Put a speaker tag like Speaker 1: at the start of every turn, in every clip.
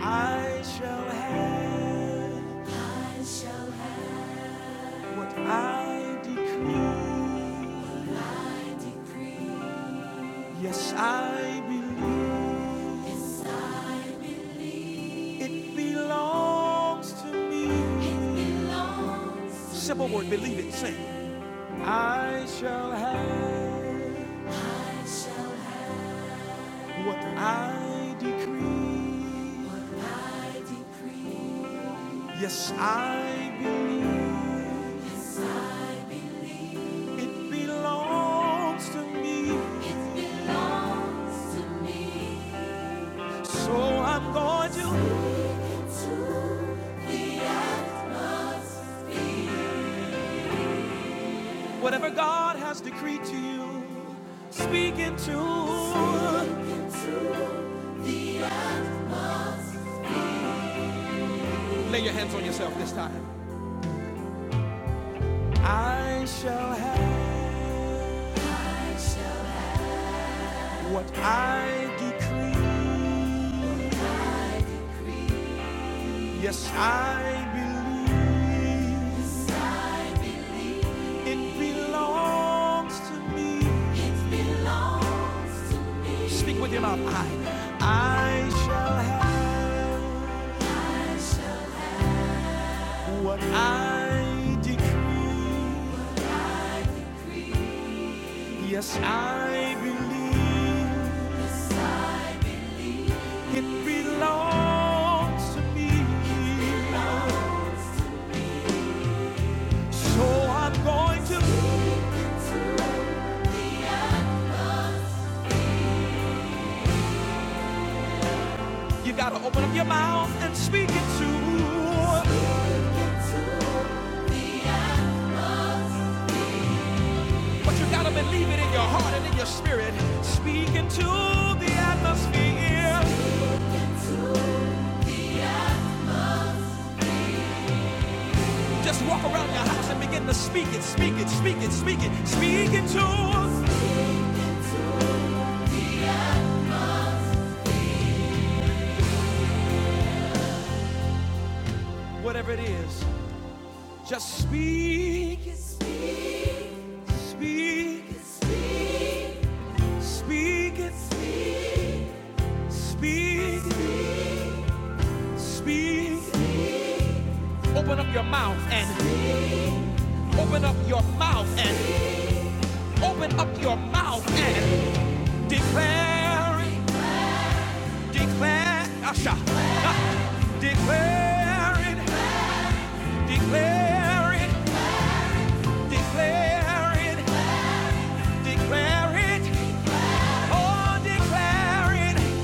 Speaker 1: I shall have I shall have what I decree. I decree. Yes, I believe Yes, I believe it belongs to me. it belongs to Simple me. word, believe it, sing. I shall have I shall have what I decree. what I decree. Yes, I believe Yes, I believe. it belongs to me. It belongs to me. So I'm going to, into the atmosphere. whatever God has decreed to you, speak into. Speak into the atmosphere. Lay your hands on yourself this time. I shall have What I decree, I decree. yes, I believe it belongs to me. It belongs to me. Speak with your mouth. I, I shall have I shall what I decree. Yes, I believe it belongs to me. It belongs. So I'm going to. You gotta open up your mouth and speak it to. Yeah. But you gotta believe it in your heart and in your spirit. Speak into the atmosphere. Speak. Just walk around your house and begin to speak it, speak it, speak it, speak it, speak it to whatever it is. Just speak it, speak it, speak it, speak it, speak it. Open up your mouth and open up your mouth and Open up your mouth and declare it. Declare, Asha. Declare it. Declare it. Declare it. Declare it. Oh, declare it.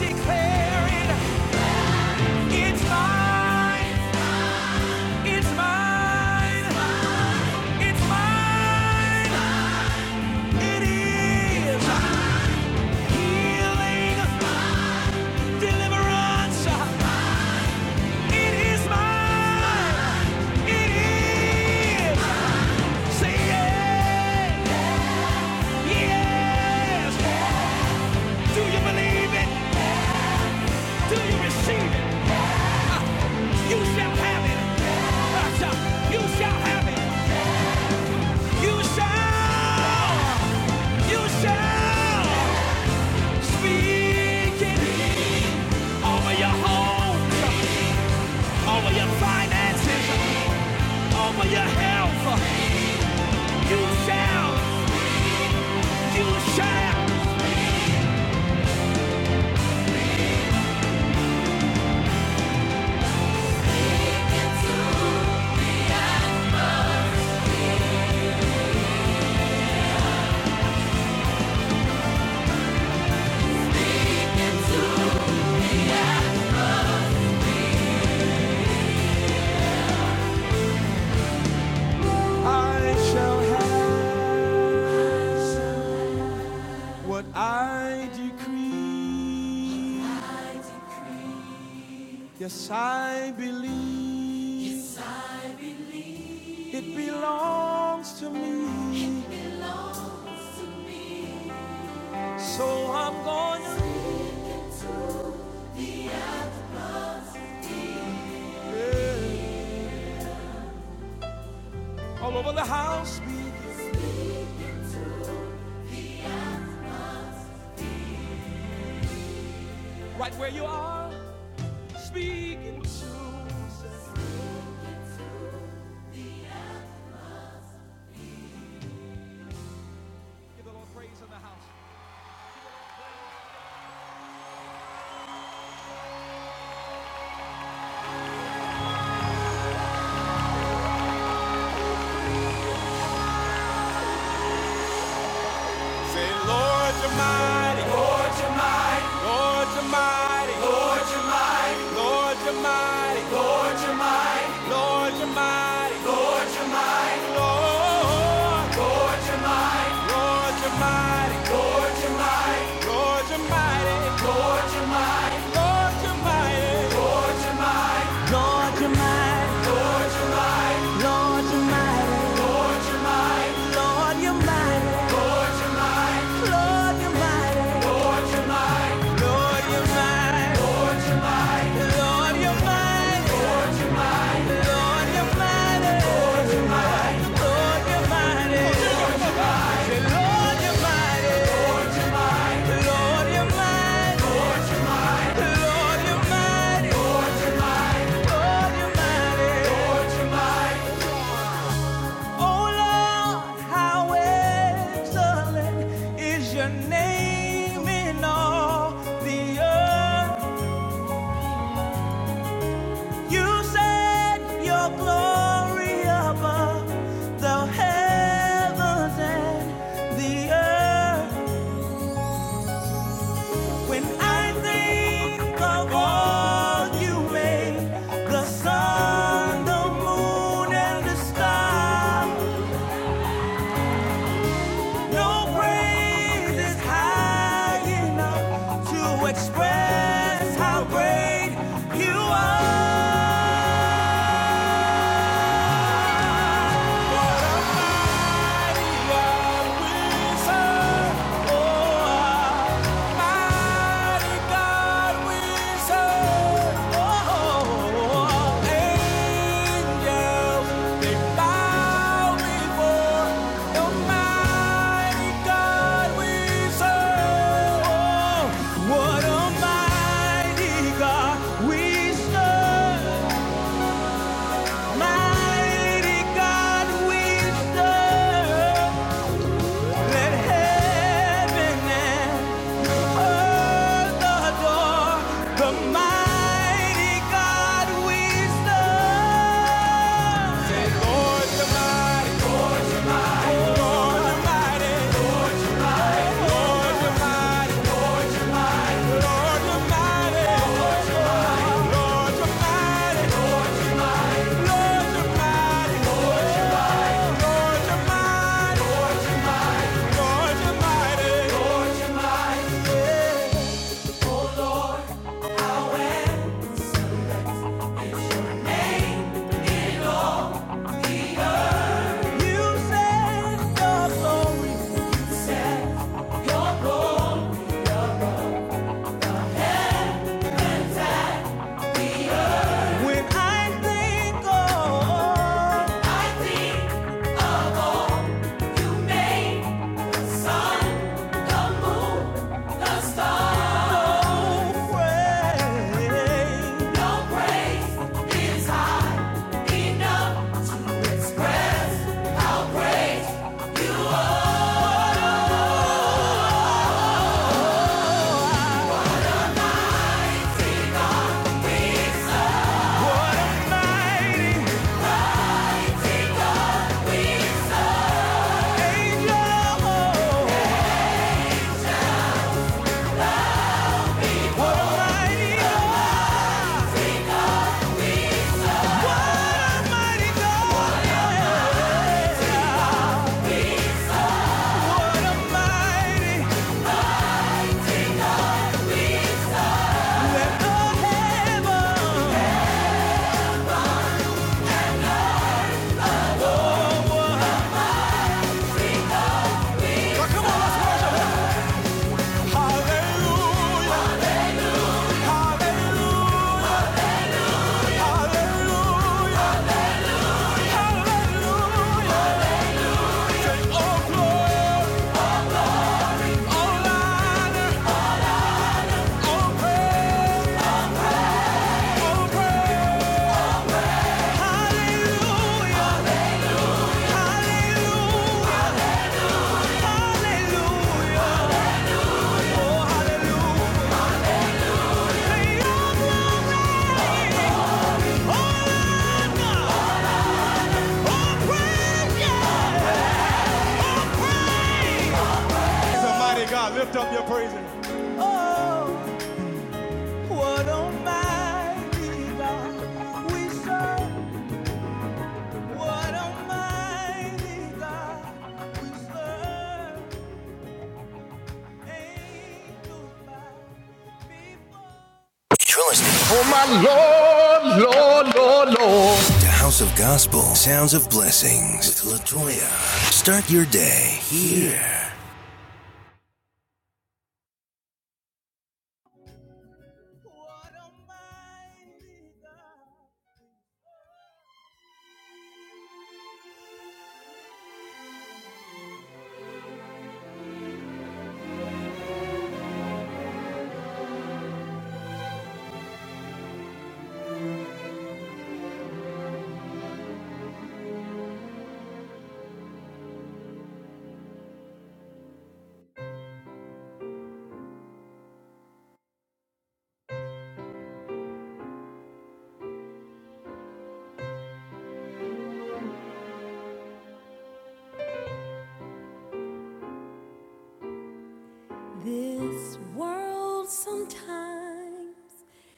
Speaker 1: Declare it. It's mine. It's mine. It's mine. It is healing, deliverance. It is mine. It is. Say yes. Yes. Do you believe it? Do you receive it? You shall have it. Gotcha. You shall have it. You shall. You shall. Speak over your home, over your finances, health. You shall. You shall. I shall have. What I decree, I decree. yes, I believe Yes, I believe. it belongs to me. It belongs to me. So I'm going to yeah. all over the house, right where you are, speaking to. Give the Lord praise in the house. Lord, you're mighty. Lord, you're mighty. Lord, you're mighty. Lord, you're mighty. Lord, you're mighty. Lord, you're mighty. Lord, you're mighty. Lord, you're mighty. Lord, you're mighty. Lord, you're mighty. Lord, you're mighty. Lord, you're mighty. Lord, you're mighty. Lord, you're mighty. Lord, you're mighty. Lord, you're mighty. Your name in all the earth. You said your glory above the heavens and the earth. When I think of all you made, the sun, the moon, and the stars, no praise is high enough to express how great you are. What a mighty God we serve. Mighty God, we serve. Let heaven and earth adore the mighty God we serve. Say, Lord, the mighty, Lord, the mighty, Lord, the mighty, Lord, the mighty, Lord, the mighty, Lord, the mighty, Lord, the mighty. you're mighty. you're mighty. Yeah. You said your glory. Your glory. When I think of all you made, the sun, the moon, the stars. No praise, no praise is high enough to express praise. What a mighty Hallelujah! Praise Praise Almighty God. Lift up your praises. Oh, what almighty God we serve. What almighty God we serve. Ain't nobody before. You're listening to House of Gospel, Sounds of Blessings with Latoya. Start your day here. This world sometimes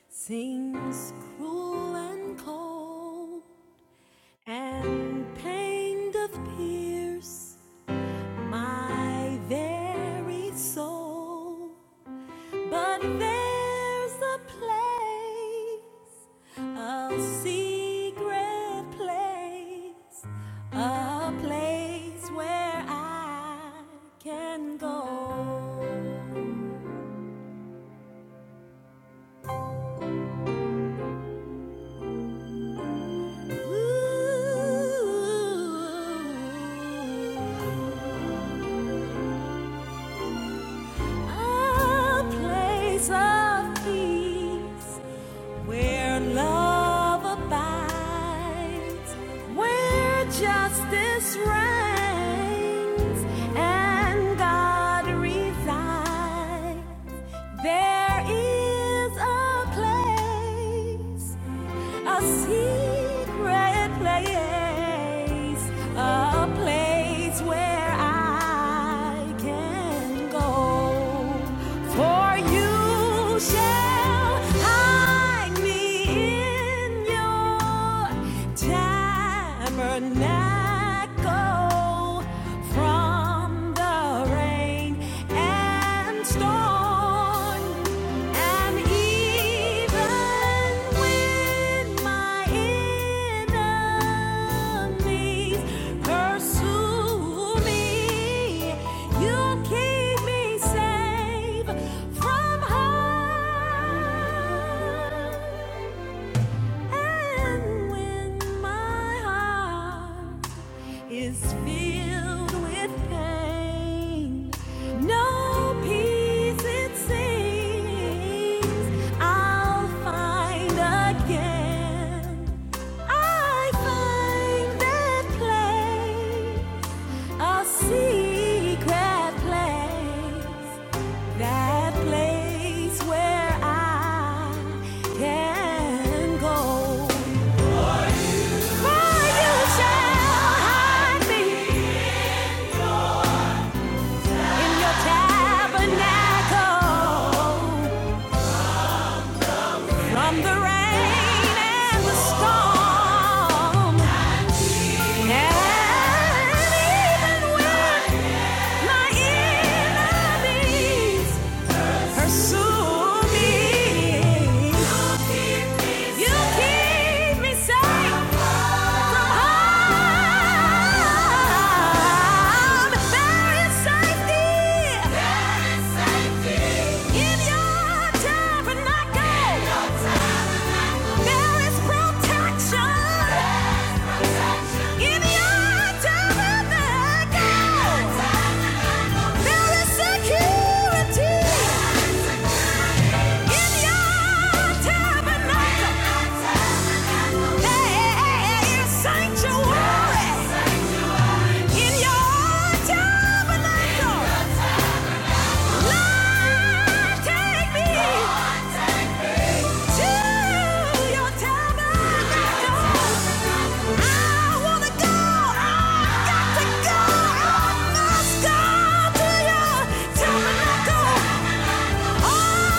Speaker 1: seems cruel and cold, and pain doth pierce my very soul. But there's a place, a secret place, a place where I can go. A place of peace where love abides, where justice reigns, and God resides. There is a place, a secret place a place where I can go. For you shall hide me in your tabernacle from the rain and and storm. And even when my enemies pursue me, you keep me safe from harm. And when my heart is filled with pain, no peace it seems I'll find again. I find that place, a secret place, that place where I can go. And even when my enemies Pursue me. You keep me safe from harm. There is safety in your tabernacle. Sanctuary in your tabernacle. Lord, take me to your tabernacle. I wanna go. I got to go. I must go to your tabernacle. Oh,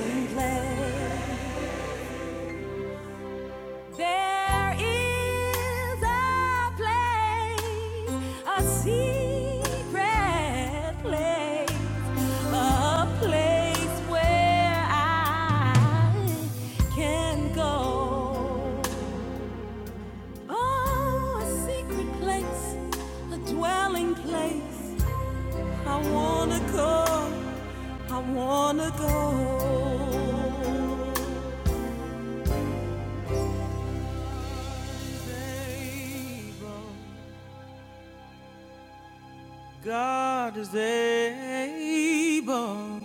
Speaker 1: Dwelling place. There is a place, a secret place, a place where I can go. Oh, a secret place, a dwelling place. I wanna go, I wanna go. Neighbor. God is able.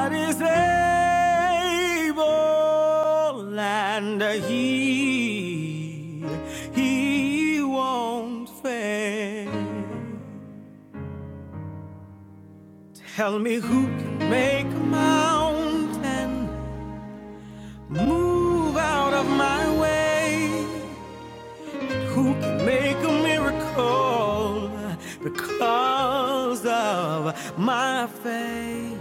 Speaker 1: God is able, and He He won't fail. Tell me who can make a mountain move out of my way? Who can make a miracle because of my faith?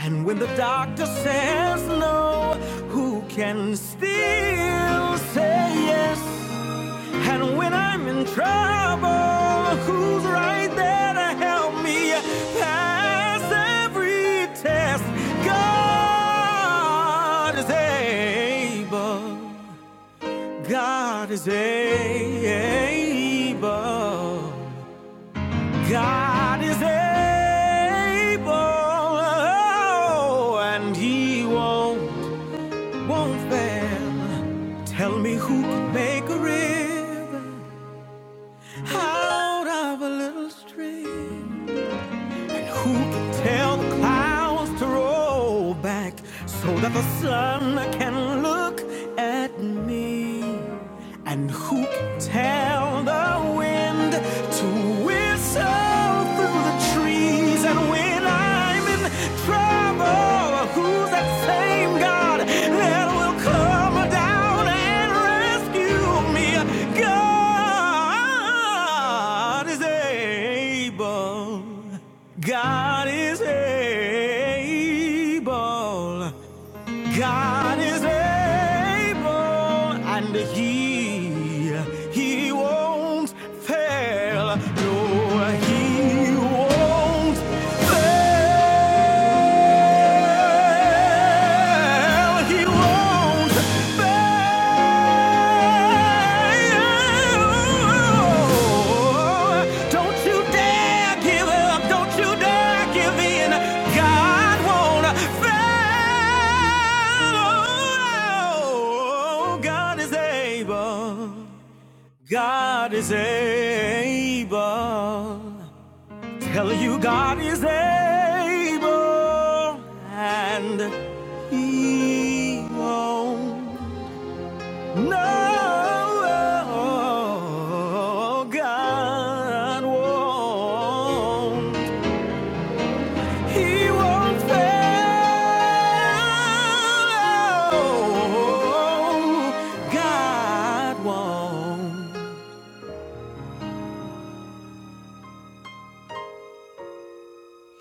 Speaker 1: And when the doctor says no, who can still say yes? And when I'm in trouble, who's right there to help me pass every test? God is able. God is able. God is able. Oh, and He won't won't fail. Tell me who can make a river out of a little stream? Who can tell the clouds to roll back so that the sun can look at me? And who can tell the wind to whistle through the trees? And when I'm in trouble, who's that same God that will come down and rescue me? God is able. God is able. God is able and he he won't fail. No, he won't fail. He won't fail. Don't you dare give up. Don't you dare give in. God won't fail. Oh, God is able. God is able. Tell you God is able and he won't. No, God won't. He won't fail. God won't.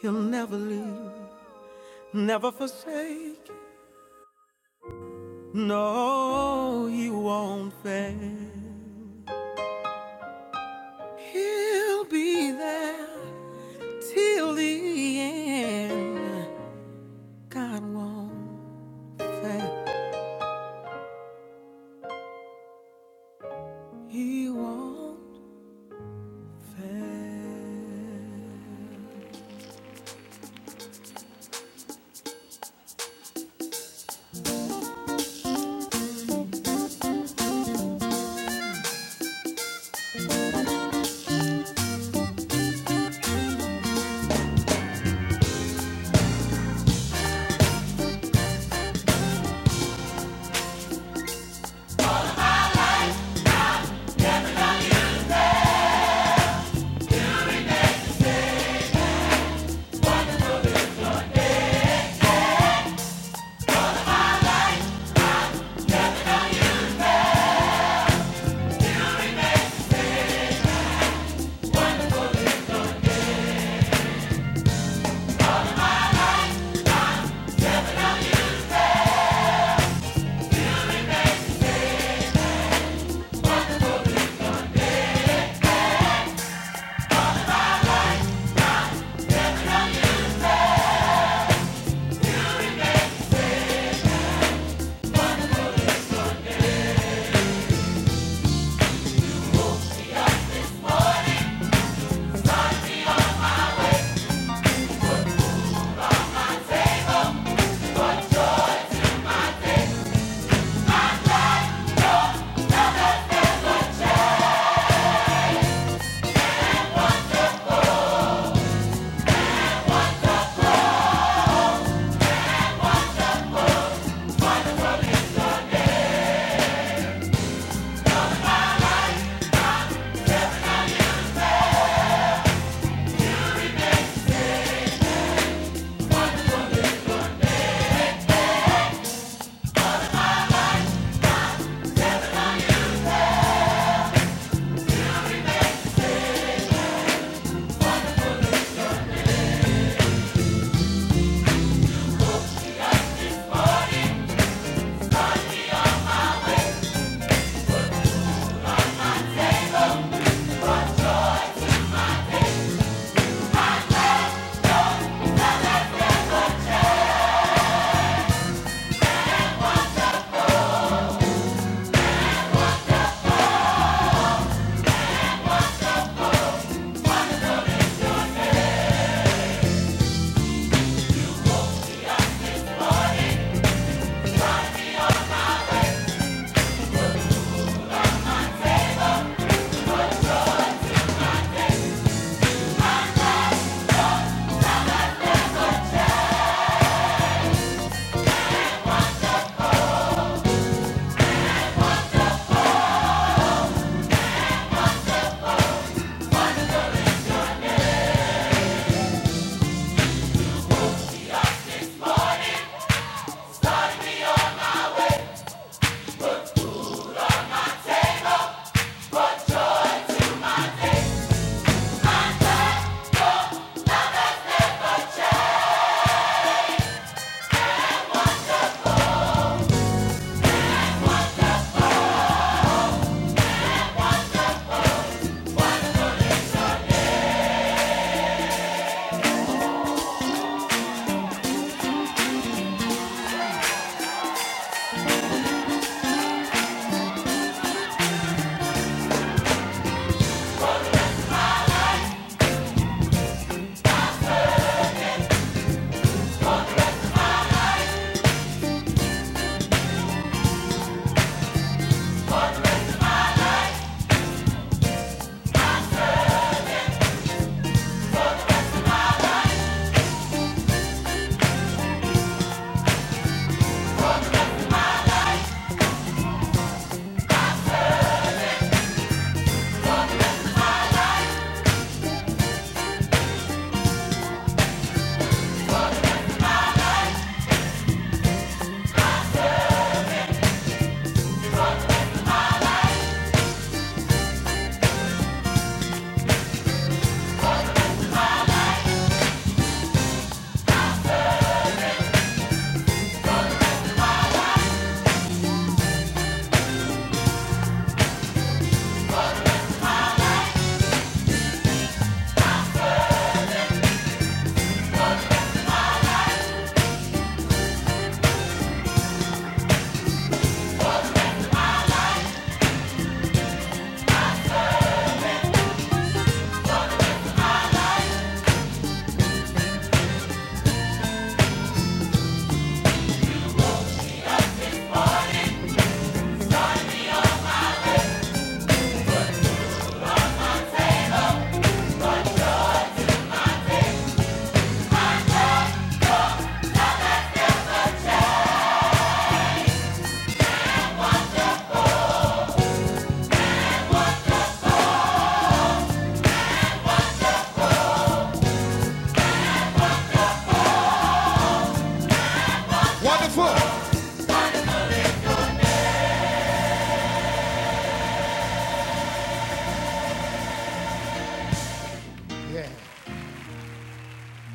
Speaker 1: He'll never leave, never forsake. No, he won't fail. He'll be there till the end. God won't fail. He won't pay.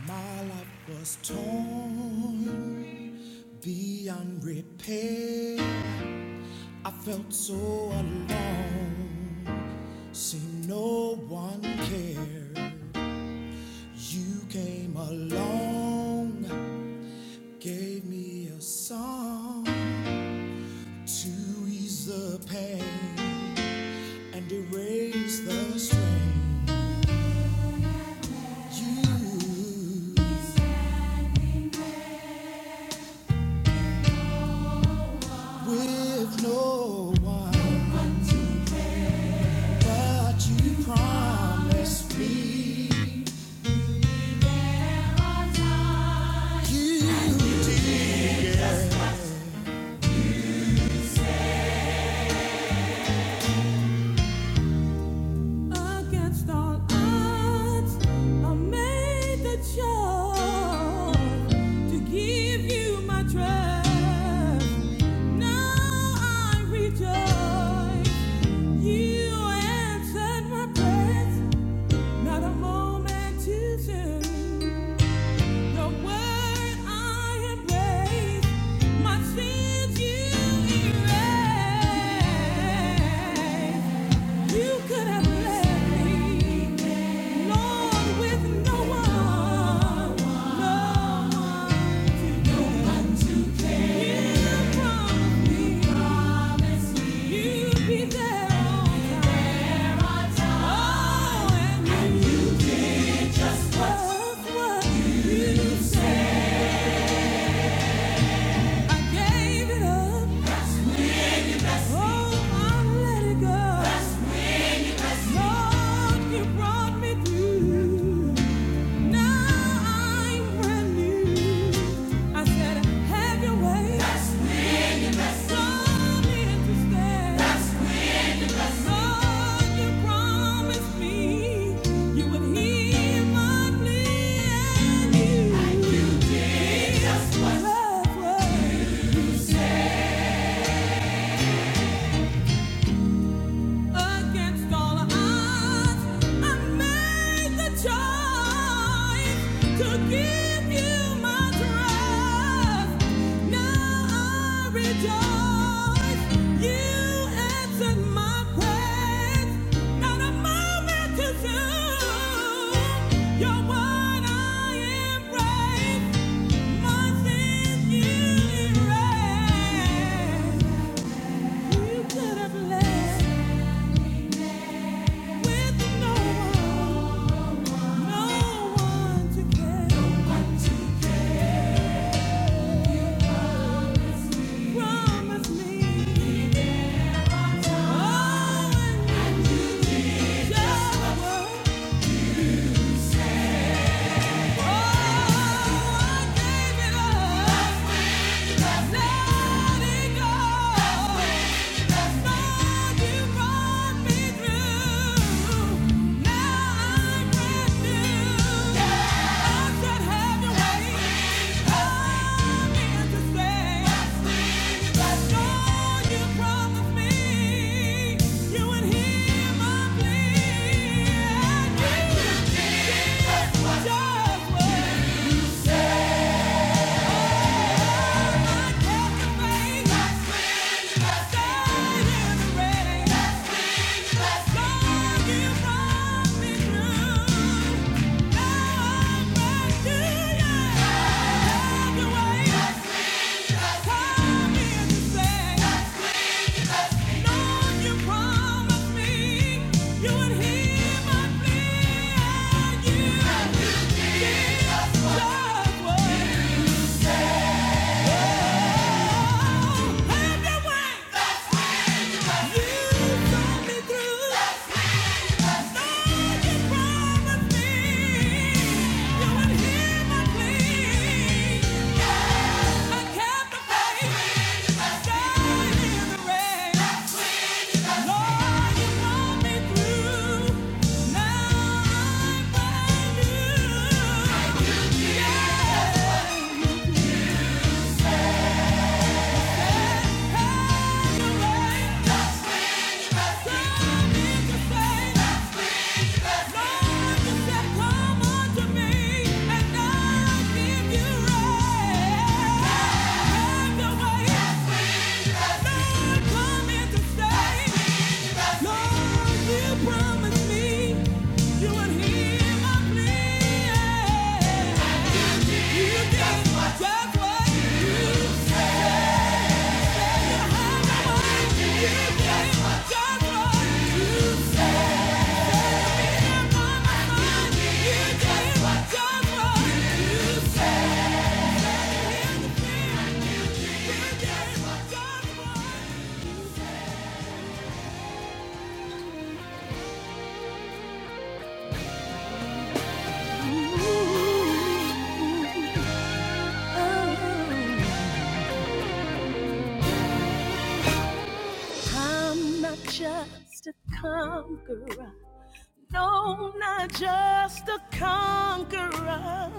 Speaker 1: My life was torn beyond repair. I felt so alone. Seemed no one cared. You came along, gave me a song to ease the pain and erase the strain. You with no one. But you promised me against all odds. I made the choice to give you my trust. Now I rejoice. You answered my prayers, not a moment too soon. The word I embrace, my sins you erase. You could have left me, Lord, with no one, no one to care. You promised me you'd be there on time. Oh, and you. Have your way. Yes, we. Yes, Just what you said. Against all odds, I made the choice to give you my trust. Now I rejoice. You answered my prayers. Not a moment too soon. You're what I embrace. Once in erased. You could have left. With no one, no one to care. No one Promise me. Be there on time. Oh, and you just said. Yeah. Yeah. Yeah. Yeah. Just what you I'm not just a conqueror. No, not just a conqueror.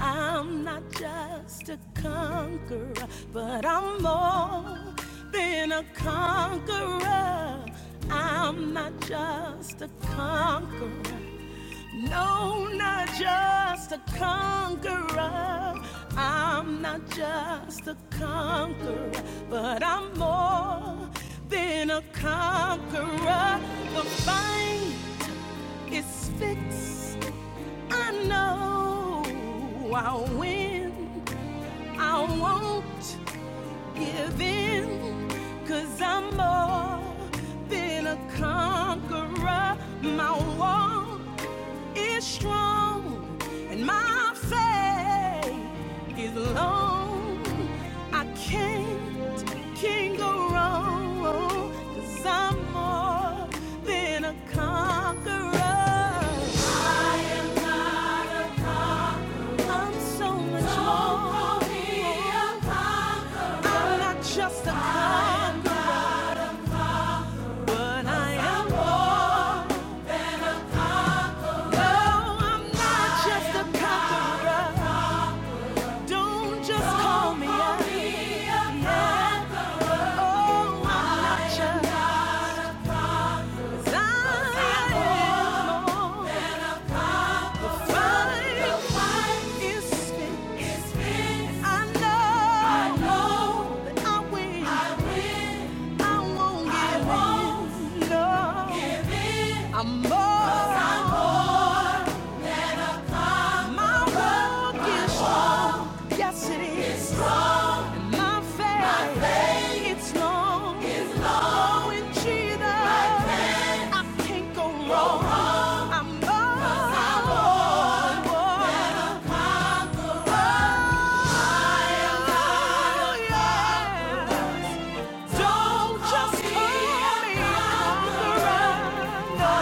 Speaker 1: I'm not just a conqueror, but I'm more than a conqueror. I'm not just a conqueror. No, not just a conqueror. I'm not just a conqueror, but I'm more than a conqueror. The fight is fixed. I know I'll win. I won't give in. i I'm more than a conqueror. My wall is strong, and my faith is long. I can't, can't go wrong. i I'm more than a conqueror. I'm so much more. I'm not just a conqueror, but I am more. No, I'm not just a conqueror. Don't just call me a yeah. Oh, I'm not just. I am I'm more, my walk is strong. Yes, it is. My faith, it's long. Oh, Jesus, I can't go wrong. oh, yeah. Don't just hear me on the run. No,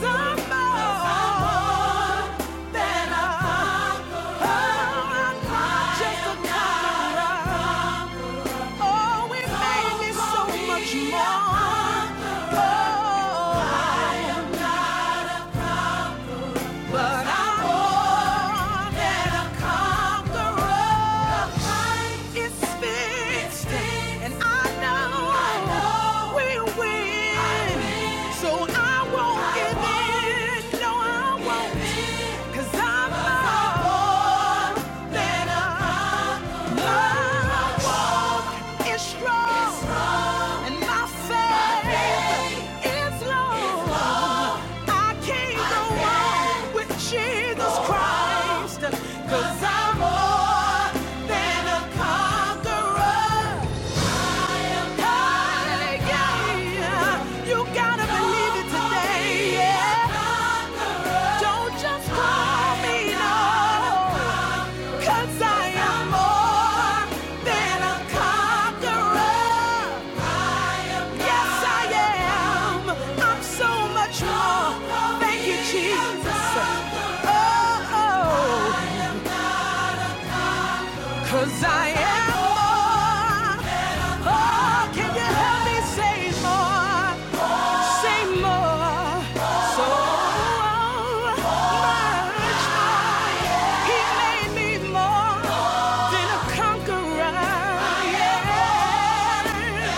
Speaker 1: someone that I found. I'm not just a conqueror. Oh, it made so Oh, But I'm more than a conqueror. The fight is fixed, and I know, we win. So I won't give in. No, I won't. i I'm more than when my walk is strong, and my faith is long. I can with Jesus Christ, 'cause I'm more than a conqueror. You gotta yeah. Don't just call me, no. 'Cause I am more than a conqueror. Yes, I am. I'm so much more. Thank you, Jesus. Oh, oh. Cause I am more. Oh, can you help me say more? Say more. So much more. He made me more than a conqueror. Yeah.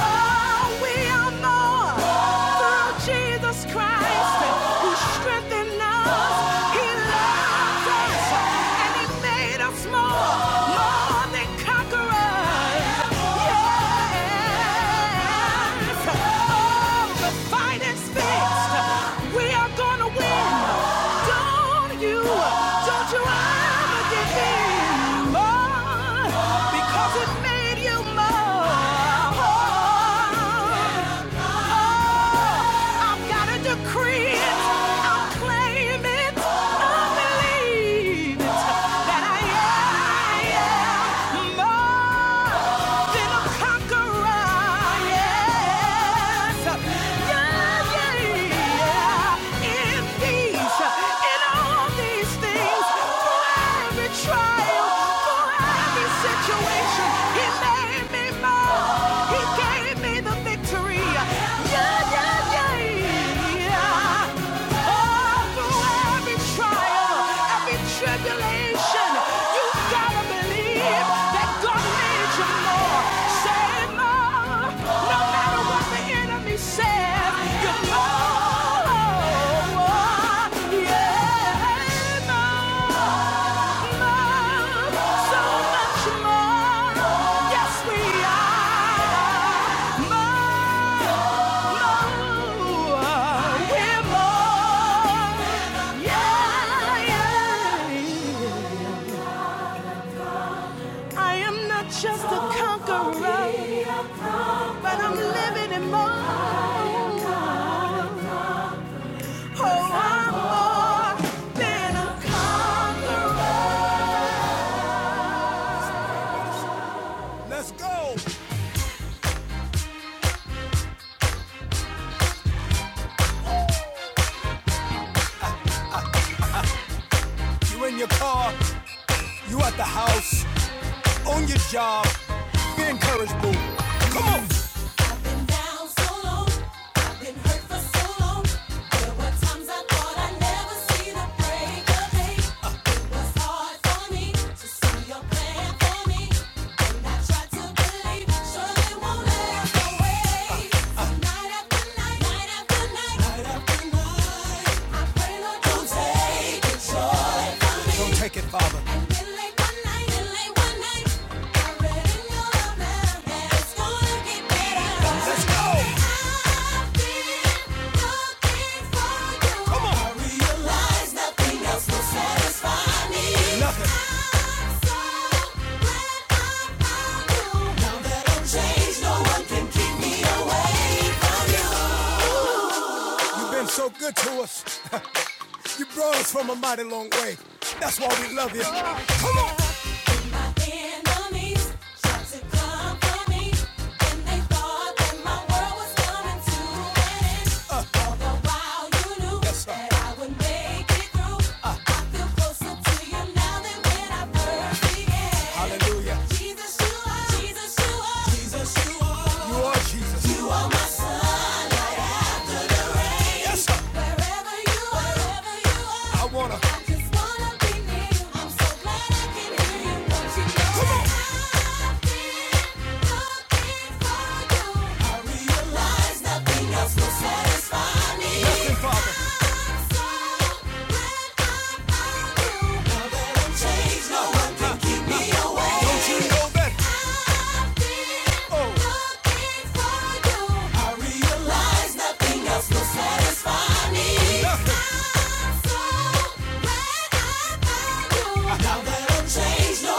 Speaker 1: Oh, we are more through Jesus Christ who strengthened us. He loved us and He made us more, more than conquerors. Yes. Oh, the fight is fixed. We are gonna win. Don't you, don't you, oh, I've got a decree conqueror, yes. Yeah, yeah, yeah. In these, in all these things, through every trial, through every situation, He made me more. He gave me the victory. Yeah. Yeah, yeah. I am not just a conqueror, but I'm living in more. Oh, I'm more than a conqueror. Let's go. You in your car, you at the house, on your job. Be encouraged, boo. Come on. I've been down so long, I've been hurt for so long. There were times I thought I'd never see the break of day. It's gonna get better. Let's go. Come on. Nothing. You've been so good to us. you brought us from a mighty long way. That's why we love you. Come on. Wherever you are, wherever I wanna. I just wanna be near I'm so glad I can hear you. Don't you know I've been looking for you? I realize nothing else will satisfy me. Nothing, Father. I'm so glad I found you. Now that I'm changed, no one can keep me away. Don't you know that I've been oh. looking for you? I so Now no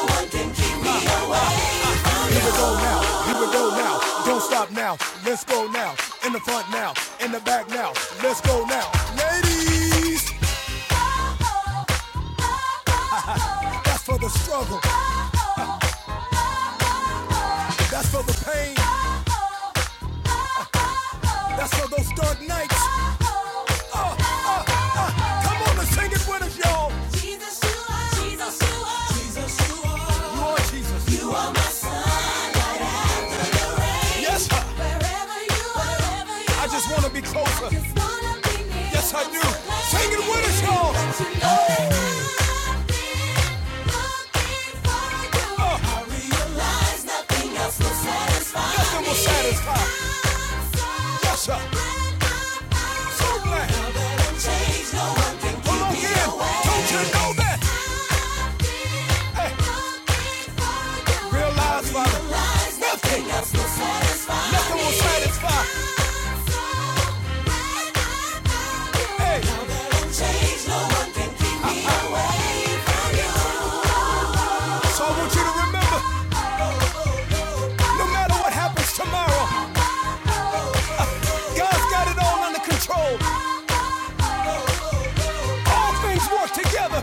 Speaker 1: Here we go now. Here we go now. Don't stop now. Let's go now. In the front now. In the back now. Let's go now. Ladies, that's for the struggle. That's for the pain. That's for those dark nights. Uh. Come on and sing it with us, y'all. Jesus, you are. Jesus, you are. Jesus, you are. You are Jesus. You are my sunlight and the rain. Yes, sir. Wherever you are, wherever you are. I just want to be are, closer. I just wanna be near. Yes, I do. so Sing it with us, y'all. But you know for you. Uh. I realize nothing else will satisfy me. satisfy. Yes, sir. So glad. no Well, again, don't you know that? Hey, realize, Father, realize nothing else will satisfy. Nothing will satisfy. Hey, now that I'm changed, no one can keep me. so I want you to remember, no matter what happens tomorrow, God's got it all under control. All things work together.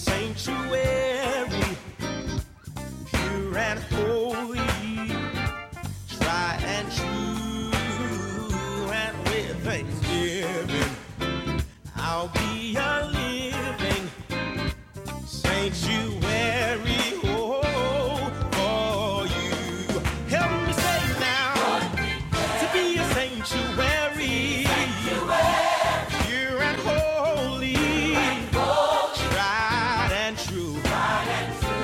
Speaker 1: Sanctuary, pure and holy, try and true, and with thanksgiving, I'll be a living Ain't you weary? Oh, you. Help me say now to be a sanctuary. Pure and holy, tried and true.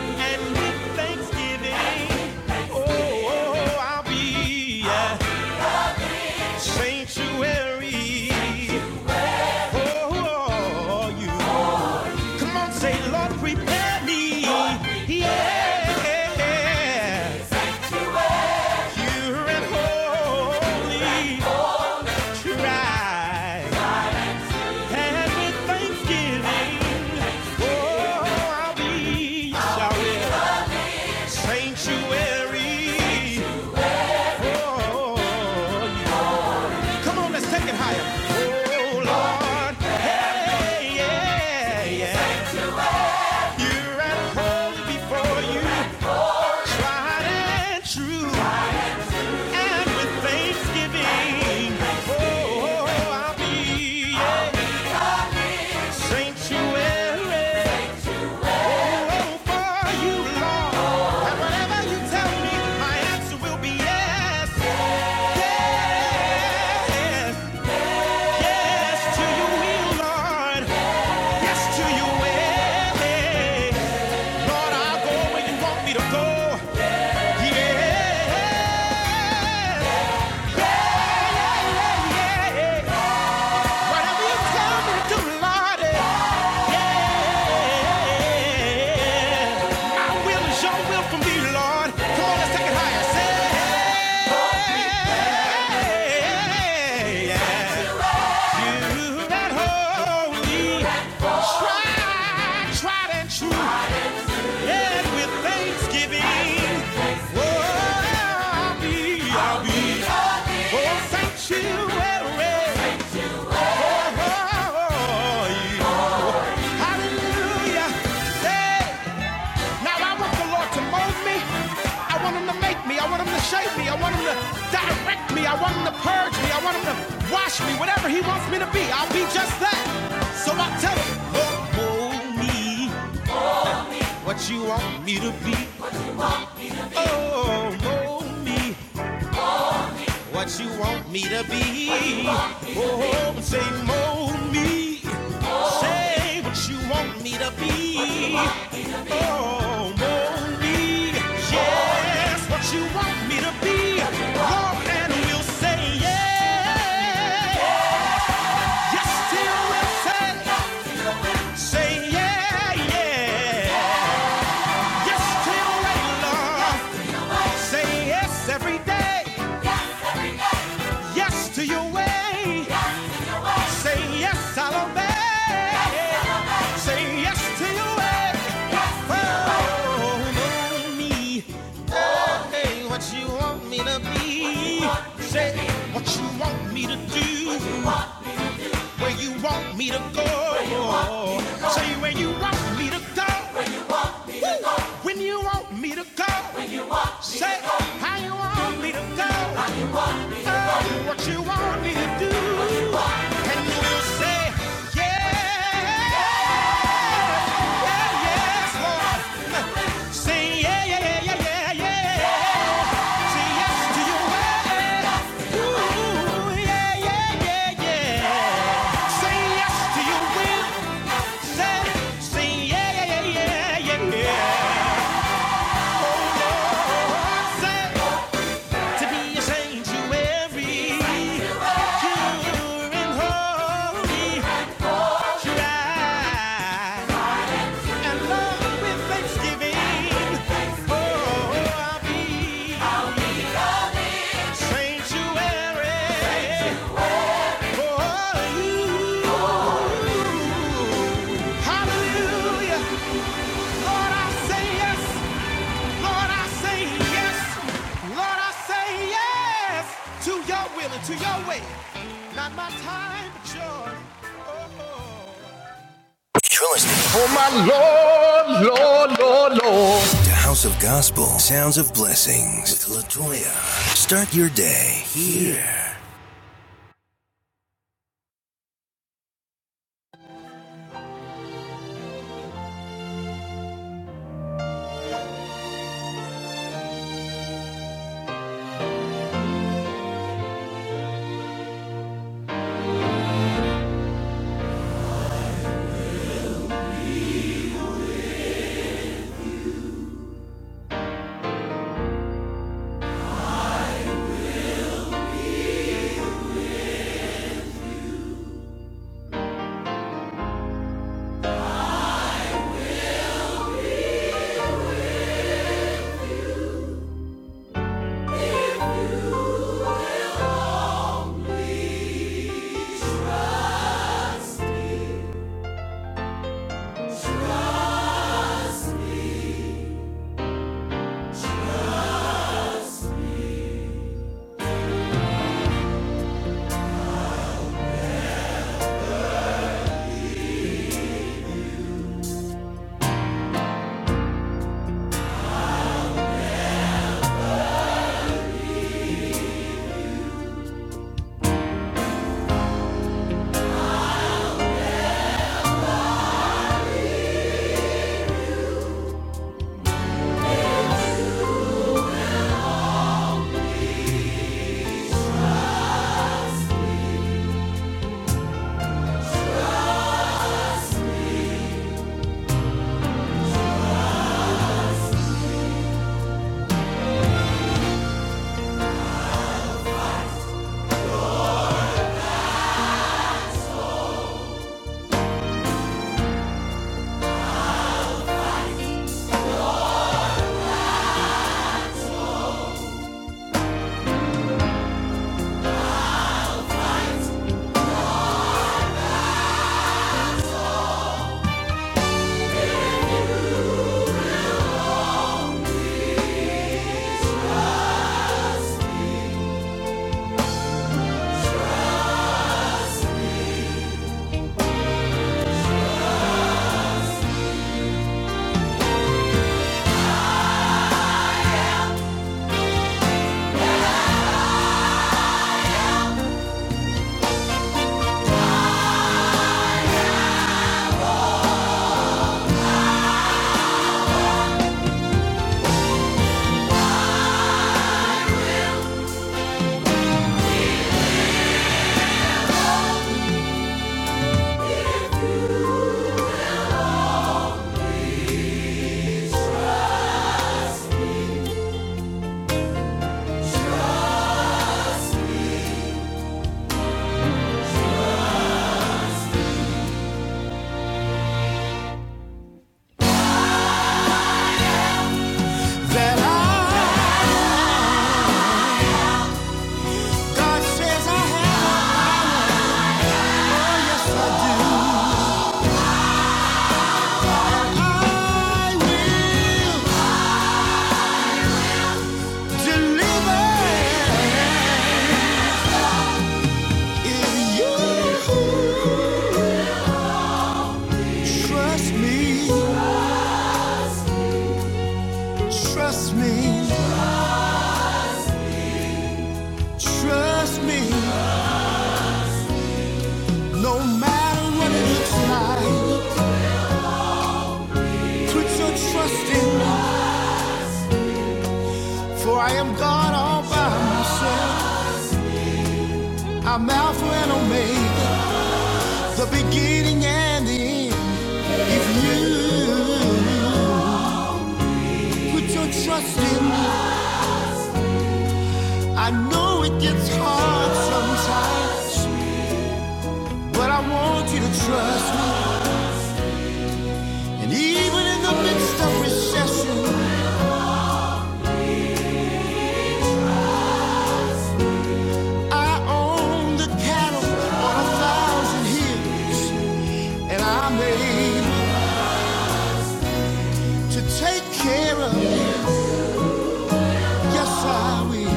Speaker 1: And with thanksgiving, oh, I'll be a sanctuary for you. Come on, say, Lord, prepare me. Lord, prepare Yeah. me. Pure and holy. Try. And with thanksgiving, oh, I'll be your sorry. Sanctuary. Oh, come on, let's take it higher. Oh, Lord. Hey, yeah, yeah. Pure and holy before you. Tried and true. And with thanksgiving, oh, I'll be. Sanctuary, oh, for you, Lord. And whatever you tell me, my answer will be yes. Yes, yes to your Lord. Yes to your way. Lord, I'll go where you want me to go. Yeah, yeah, yeah. Whatever you tell me to Lord. Yeah. will is your will from thee, Lord. Come on, let's take it higher. Say, holy, tried, tried and true, and with thanksgiving, oh, I'll be, I'll be, oh, sanctuary, oh, you. Hallelujah. Hey. Now I want the Lord to mold me. I want him to make me. I want him to shape me. I want him to direct me. I want him to purge me. I want him to wash me. Whatever he wants me to be, I'll be just that. So I tell him, Lord, mold me what you want me to be. Oh, mold me What you want me to be? Oh, but say mold me. Say what you want me to be. Oh, mold me. Yes, what you want me to be. Lord, and we'll say yeah. Yes, till we say say yeah, yeah. Yes, till we love. Say yes every day. Yes to your way. Say yes, I'll obey. Yes. Say yes to your way. Yes. Oh, know me. Oh, Hey, what you want me to be? What Say to be. what you want me to do. Where you want me to go. Say where you want me to go. When you want me to go. Say how you want me to go. Oh, what you want me to do. And you will say yeah. And love with Thanksgiving, oh, I'll be. To your way, not my time, but yours. Oh, oh. The House of Gospel, Sounds of Blessings with Latoya. Start your day here. I am good, For I am God all by myself. I'm Alpha and Omega. The beginning and the end. If you put your trust in, I know it gets hard sometimes, but I want you to trust me. And even in the midst of recession, I own the cattle on a thousand hills, and I'm able to take care of it. Yes, I will.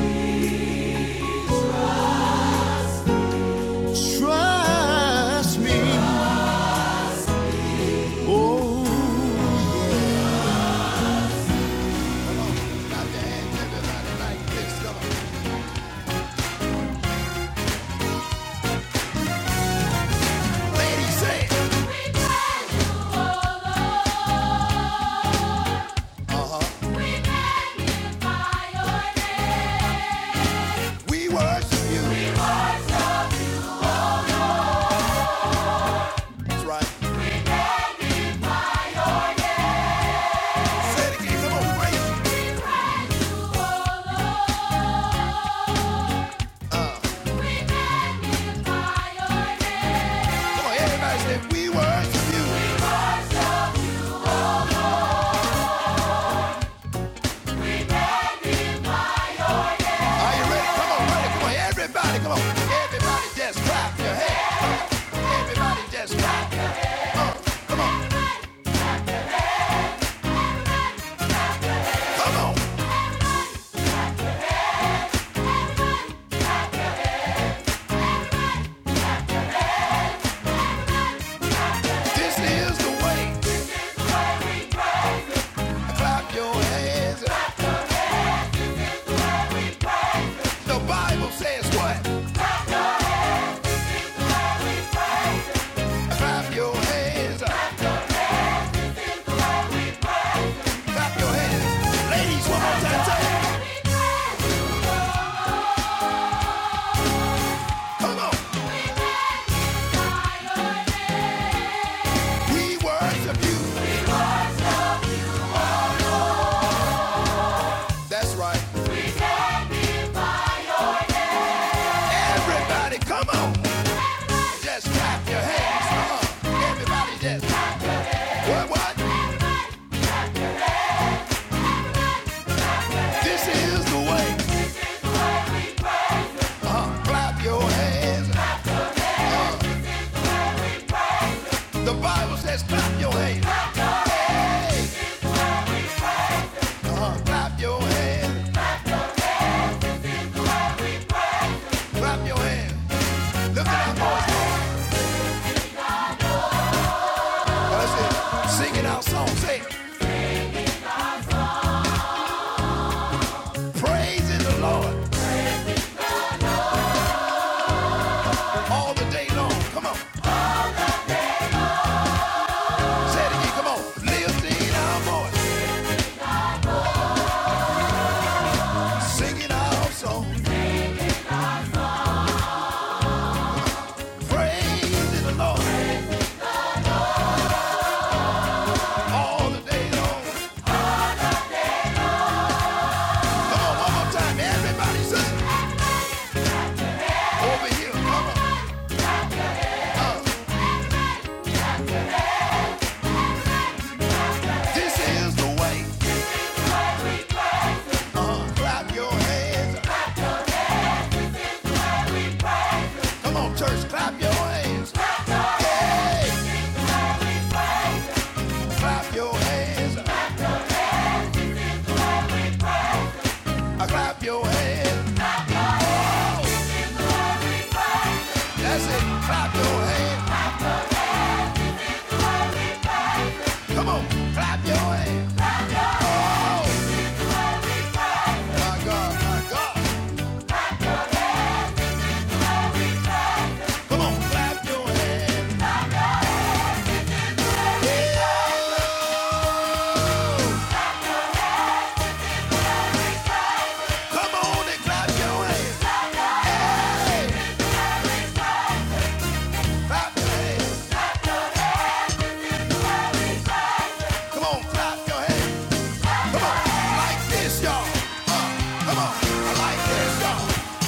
Speaker 1: Trust me. Oh, Lady said, uh-huh. We worship you. That's right. Say it again. Come on, praise him. Come on, everybody we worship you. Are you ready? Come on, ready. Come on, everybody. Come on. Everybody just clap your hands. Everybody just clap. Come on. This is the way to clap your hands. The Bible says what? Clap your hands. Clap your hands. Ladies, one more time. Tell 'em, Come on. We worship you. This is the way. Clap your hands. The Bible says clap your hands. Clap your hands. Clap your hands. Look at our voice. Let's sing it out song. Say, praise in the Lord all the day long. Come on. Praise in the Lord all the day long. Come on, one more time. Everybody sing. Over here, mama, clap your hands. Come on, church, clap your hands. Clap your hands. Uh, Clap your hands. Come on and clap your hands. Clap your hands. Come on, clap your hands. Uh, Like this, y'all. Uh, Like this, y'all.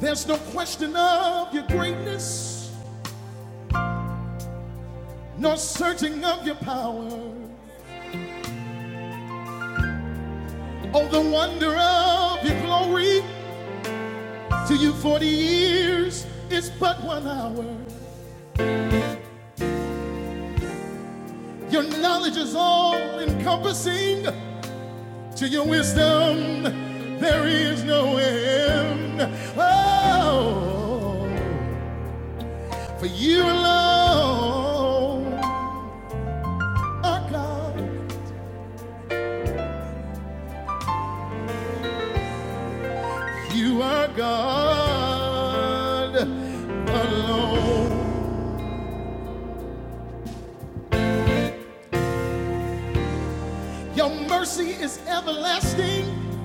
Speaker 1: There's no question of your greatness, no searching of your power. Oh, the wonder of your glory. To you, 40 years is but one hour. Your knowledge is all encompassing. To your wisdom, there is no end. Oh, for you alone are God. You are God alone. Your mercy is everlasting.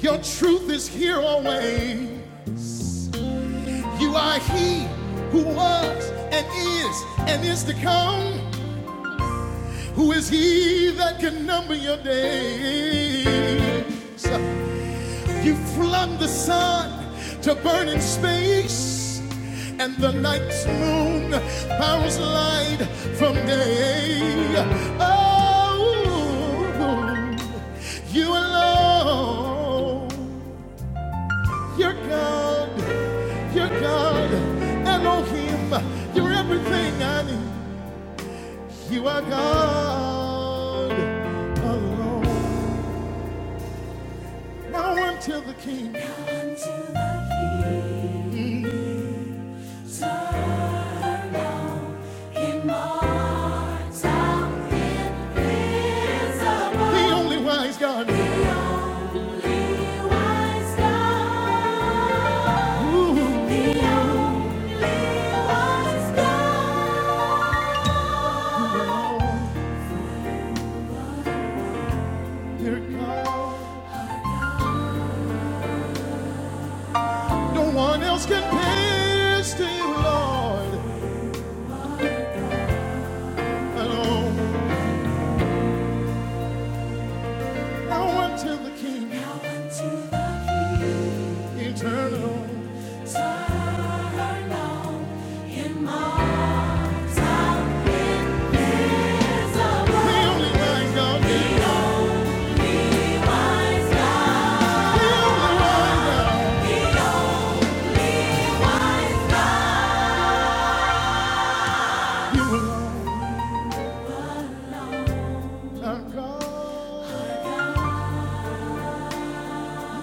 Speaker 1: Your truth is here always. You are He who was and is and is to come. Who is he that can number your days? You flung the sun to burn in space, and the night's moon powers light from day. Oh, you alone, you're God, you're God, Elohim, you're everything I need. You are God alone. Now unto the King. Now unto The King. Turn now, immortal, invisible. The only wise God. The only wise God. Ooh. You alone. Dear God. You're God. No one else can pay this to you Lord, alone. Now unto the King, now unto the King, eternal. Turn on immortal, invisible. The only wise the only wise God, the only wise God. You alone are God. No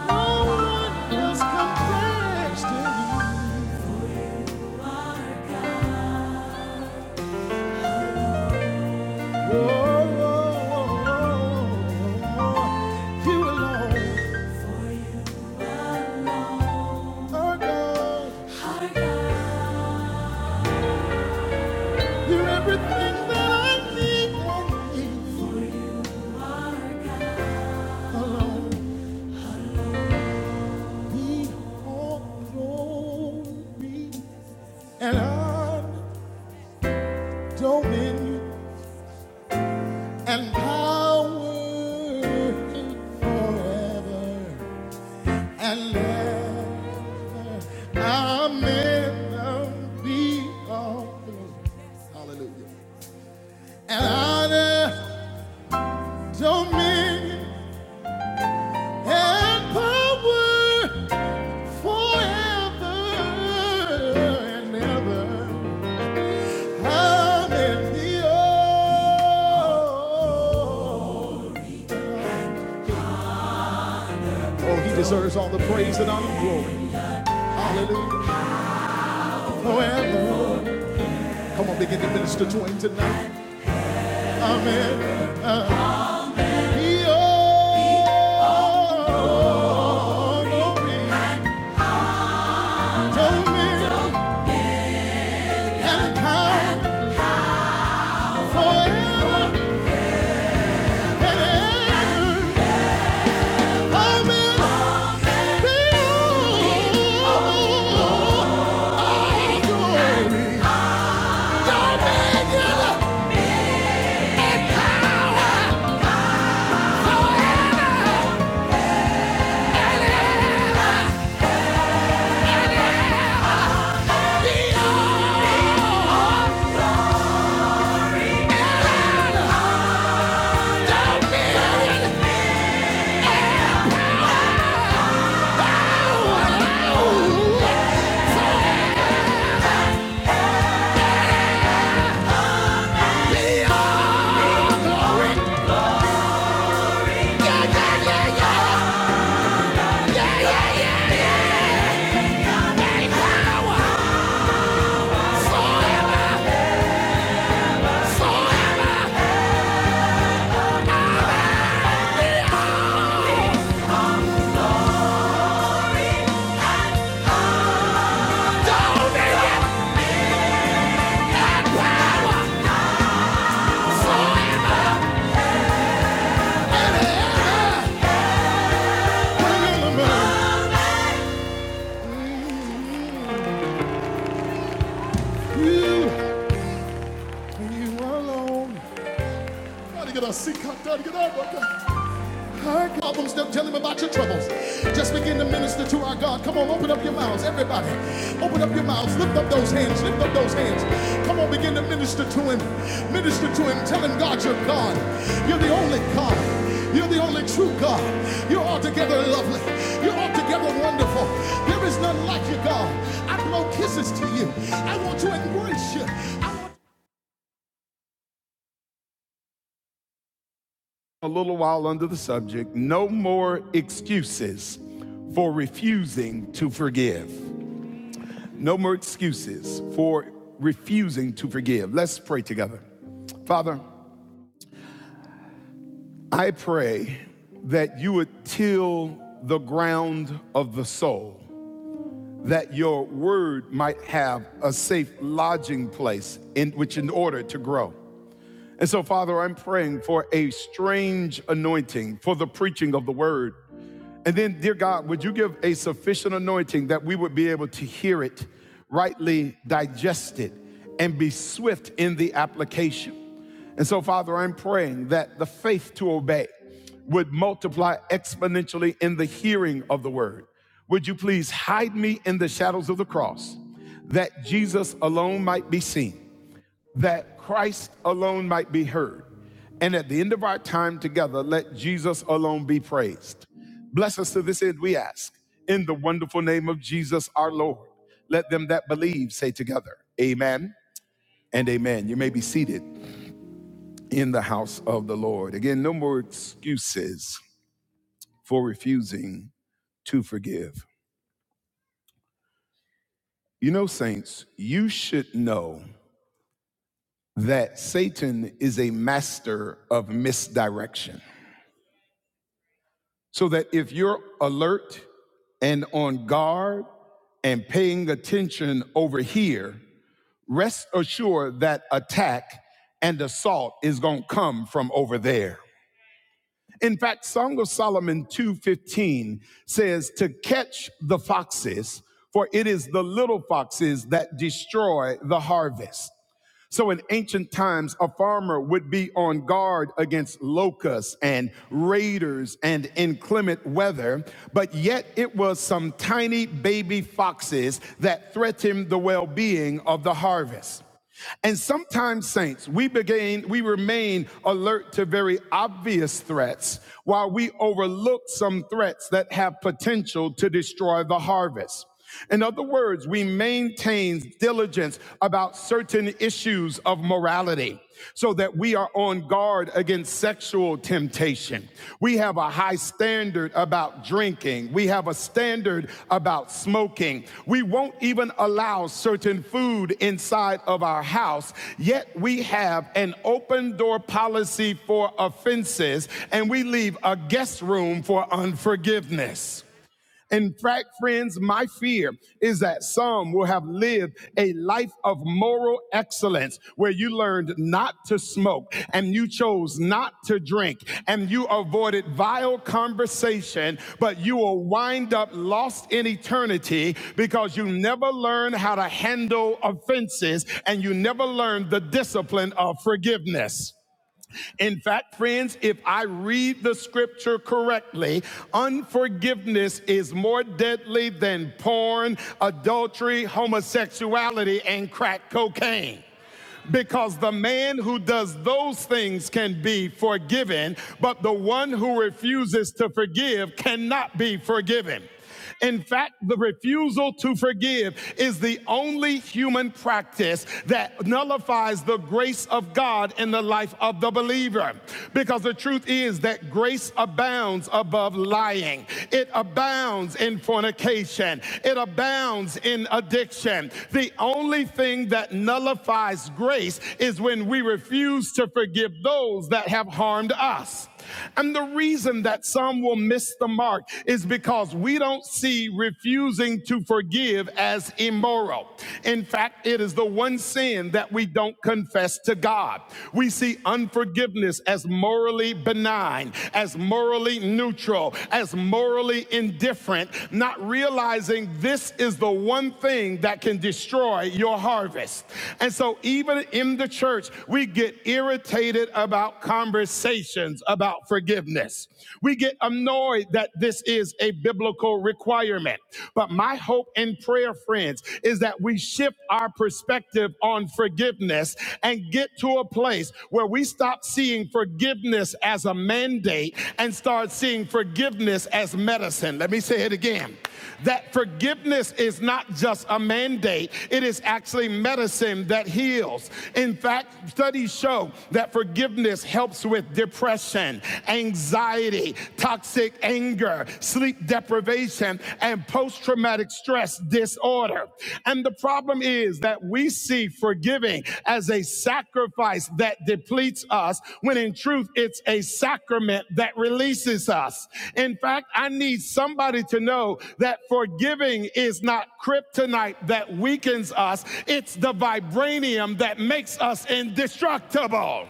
Speaker 1: one else compares to you. Oh, oh, oh, oh, oh. You alone are God. You're everything that I need and need alone. Be all glory and honor, and power forever and ever. Amen. Be all Hallelujah. And honor. dominion and power forever and ever. Hallelujah. Oh, he deserves all the praise and all the glory. Hallelujah. Forever. Come on, begin to minister to him tonight. Amen. He owns glory, dominion, and power forever and ever. Get a seat, cut down, get out, heard problems, they'll tell him about your troubles. Just begin to minister to our God. Come on, open up your mouths, everybody. Open up your mouths, lift up those hands, lift up those hands. Come on, begin to minister to him. Minister to him, tell him God, you're God. You're the only God. You're the only true God. You're altogether lovely. You're altogether wonderful. There is none like you, God. I blow kisses to you. I want to embrace you. I want a little while under the subject no more excuses for refusing to forgive. No more excuses for refusing to forgive. Let's pray together. Father, I pray that you would till the ground of the soul, that your word might have a safe lodging place in which in order to grow. And so, Father, I'm praying for a strange anointing for the preaching of the word And then, dear God, would you give a sufficient anointing that we would be able to hear it, rightly digest it, and be swift in the application? And so, Father, I'm praying that the faith to obey would multiply exponentially in the hearing of the word. Would you please hide me in the shadows of the cross that Jesus alone might be seen? that Christ alone might be heard. And at the end of our time together, let Jesus alone be praised. Bless us to this end, we ask. In the wonderful name of Jesus our Lord, let them that believe say together, Amen and Amen. You may be seated in the house of the Lord. Again, no more excuses for refusing to forgive. You know, saints, you should know that Satan is a master of misdirection. so that if you're alert and on guard and paying attention over here, rest assured that attack and assault is going to come from over there. In fact, Song of Solomon 2:15 says to catch the foxes, for it is the little foxes that destroy the harvest. So in ancient times, a farmer would be on guard against locusts and raiders and inclement weather, but yet it was some tiny baby foxes that threatened the well being of the harvest. And sometimes, saints, we begin, we remain alert to very obvious threats while we overlook some threats that have potential to destroy the harvest. In other words, we maintain diligence about certain issues of morality so that we are on guard against sexual sexual temptation. We have a high standard about drinking. We have a standard about smoking. We won't even allow certain food inside of our house, yet we have an open door policy for offenses and we leave a guest room for unforgiveness. In fact, friends, my fear is that some will have lived a life of moral excellence where you learned not to smoke and you chose not to drink and you avoided vile conversation, but you will wind up lost in eternity because you never learned how to handle offenses and you never learned the discipline of forgiveness. In fact, friends, if I read the scripture correctly, unforgiveness is more deadly than porn, adultery, homosexuality, and crack cocaine because the man who does those things can be forgiven, but the one who refuses to forgive cannot be forgiven. In fact, the refusal to forgive is the only human practice that nullifies the grace of God in the life of the believer. Because the truth is that grace abounds above lying, it abounds in fornication, it abounds in addiction. The only thing that nullifies grace is when we refuse to forgive those that have harmed us. And the reason that some will miss the mark is because we don't see refusing to forgive as immoral. In fact, it is the one sin that we don't confess to God. We see unforgiveness as morally benign, as morally neutral, as morally indifferent, not realizing this is the one thing that can destroy your harvest. And so, even in the church, we get irritated about conversation conversations about forgiveness. We get annoyed that this is a biblical requirement. But my hope and prayer, friends, is that we shift our perspective on forgiveness and get to a place where we stop seeing forgiveness as a mandate and start seeing forgiveness as medicine. Let me say it again. That forgiveness is not just a mandate, it is actually medicine that heals. In fact, studies show that forgiveness helps with depression, anxiety, toxic anger, sleep deprivation, and post traumatic stress disorder. And the problem is, that we see forgiving as a sacrifice that depletes us, when in truth, it's a sacrament that releases us. In fact, I need somebody to know that forgiving is not kryptonite that weakens us, it's the vibranium that makes us indestructible.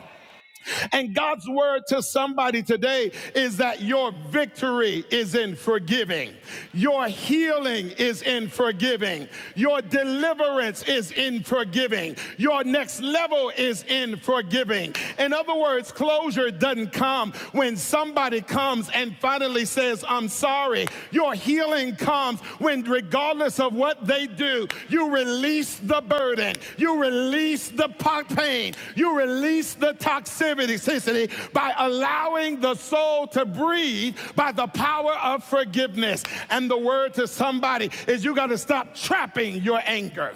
Speaker 1: And God's word to somebody today is that your victory is in forgiving, your healing is in forgiving, your deliverance is in forgiving, your next level is in forgiving. In other words, closure doesn't come when somebody comes and finally says, I'm sorry carry. Your healing comes when, regardless of what they do, you release the burden, you release the pain, you release the toxicity toxicity by allowing the soul to breathe by the power of forgiveness. And the word to somebody is you got to stop trapping your anger.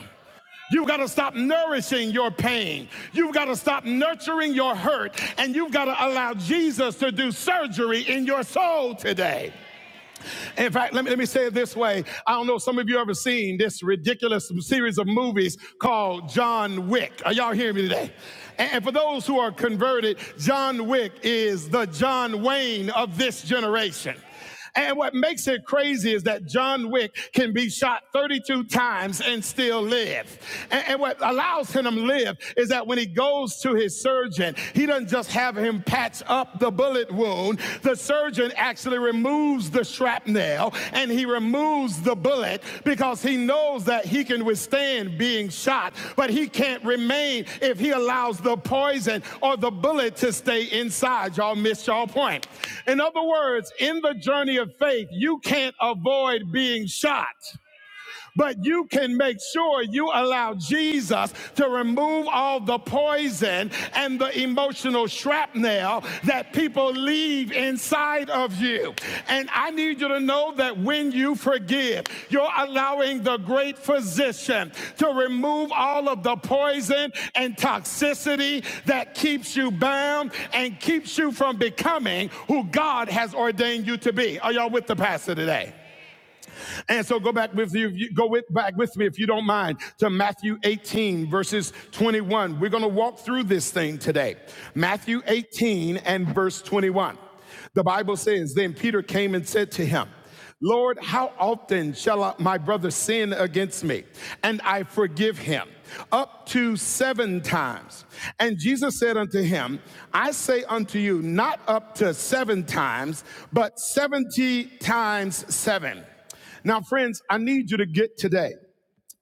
Speaker 1: You've got to stop nourishing your pain. You've got to stop nurturing your hurt. And you've got to allow Jesus to do surgery in your soul today. In fact, let me, let me say it this way. I don't know if some of you ever seen this ridiculous series of movies called John Wick. Are y'all hearing me today? And for those who are converted, John Wick is the John Wayne of this generation. And what makes it crazy is that John Wick can be shot 32 times and still live. And, and what allows him to live is that when he goes to his surgeon. He doesn't just have him patch up the bullet wound. The surgeon actually removes the shrapnel and he removes the bullet because he knows that he can withstand being shot, but he can't remain if he allows the poison or the bullet to stay inside. Y'all missed y'all point. In other words, in the journey of faith, you can't avoid being shot. But you can make sure you allow Jesus to remove all the poison and the emotional shrapnel that people leave inside of you. And I need you to know that when you forgive, you're allowing the great physician to remove all of the poison and toxicity that keeps you bound and keeps you from becoming who God has ordained you to be. Are y'all with the pastor today? And so go back with you, go with, back with me if you don't mind to Matthew 18 verses 21. We're going to walk through this thing today. Matthew 18 and verse 21. The Bible says, then Peter came and said to him, Lord, how often shall I- my brother sin against me and I forgive him? Up to seven times. And Jesus said unto him, I say unto you, not up to seven times, but 70 times seven. Now, friends, I need you to get today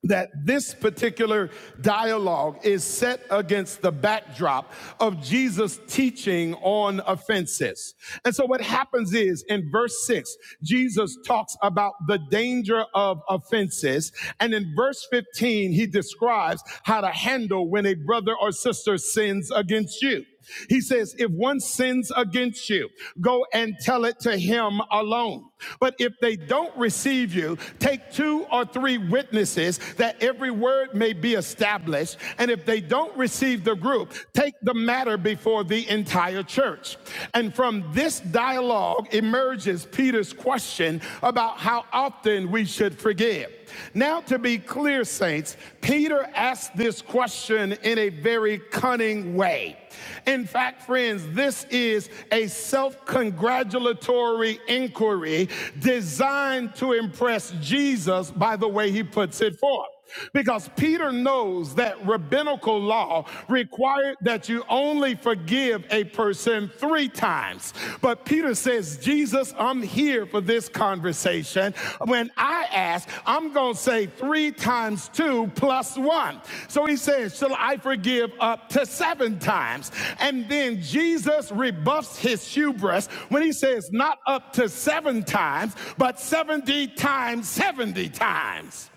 Speaker 1: that this particular dialogue is set against the backdrop of Jesus' teaching on offenses. And so what happens is in verse 6, Jesus talks about the danger of offenses. And in verse 15, he describes how to handle when a brother or sister sins against you. He says, if one sins against you, go and tell it to him alone. But if they don't receive you, take two or three witnesses that every word may be established. And if they don't receive the group, take the matter before the entire church. And from this dialogue emerges Peter's question about how often we should forgive. Now, to be clear, saints, Peter asked this question in a very cunning way. In fact, friends, this is a self congratulatory inquiry designed to impress Jesus by the way he puts it forth. Because Peter knows that rabbinical law required that you only forgive a person three times. But Peter says, Jesus, I'm here here for this conversation. When I ask, I'm going to say three times two plus one. So he says, Shall I forgive up to seven times? And then Jesus rebuffs his hubris when he says, Not up to seven times, but 70 times 70 times.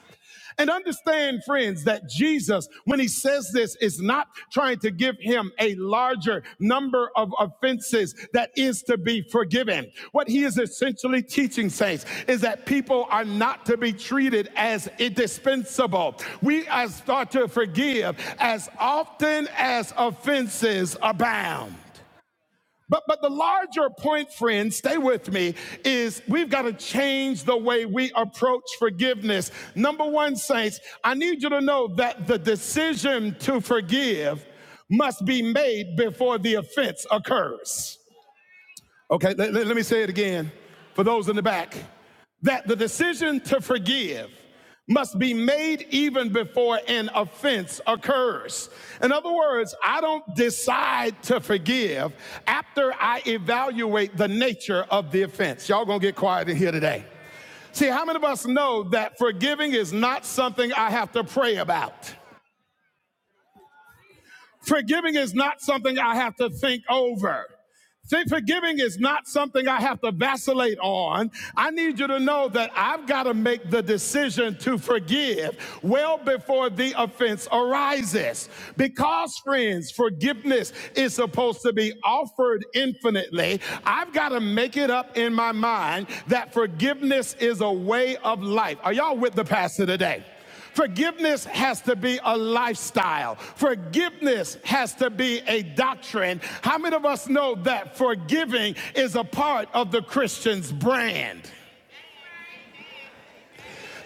Speaker 1: And understand, friends, that Jesus, when he says this, is not trying to give him a larger number of offenses that is to be forgiven. What he is essentially teaching, saints, is that people are not to be treated as indispensable. We are start to forgive as often as offenses abound. But, but the larger point, friends, stay with me, is we've got to change the way we approach forgiveness. Number one, saints, I need you to know that the decision to forgive must be made before the offense occurs. Okay, let, let- me say it again for those in the back that the decision to forgive must be made even before an offense occurs. In other words, I don't decide to forgive after I evaluate the nature of the offense. Y'all gonna get quiet in here today. See, how many of us know that forgiving is not something I have to pray about? Forgiving is not something I have to think over. forgiving is not something I have to vacillate on. I need you to know that I've got to make the decision to forgive well before the offense arises. Because, friends, forgiveness is supposed to be offered infinitely, I've got to make it up in my mind that forgiveness is a way of life. Are y'all with the pastor today? Forgiveness has to be a lifestyle. Forgiveness has to be a doctrine. How many of us know that forgiving is a part of the Christian's brand?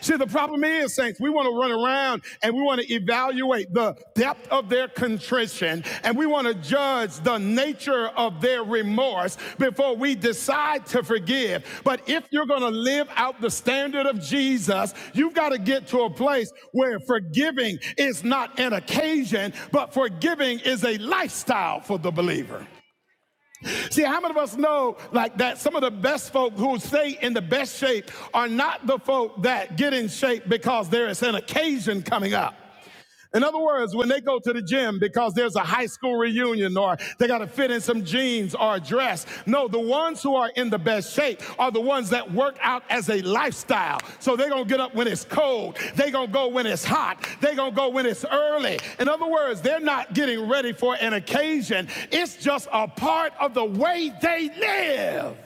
Speaker 1: See, the problem is, saints, we want to run around and we want to evaluate the depth of their contrition and we want to judge the nature of their remorse before we decide to forgive. But if you're going to live out the standard of Jesus, you've got to get to a place where forgiving is not an occasion, but forgiving is a lifestyle for the believer. See, how many of us know like that some of the best folk who stay in the best shape are not the folk that get in shape because there is an occasion coming up. In other words, when they go to the gym because there's a high school reunion or they got to fit in some jeans or a dress. No, the ones who are in the best shape are the ones that work out as a lifestyle. So they're going to get up when it's cold. They're going to go when it's hot. They're going to go when it's early. In other words, they're not getting ready for an occasion. It's just a part of the way they live.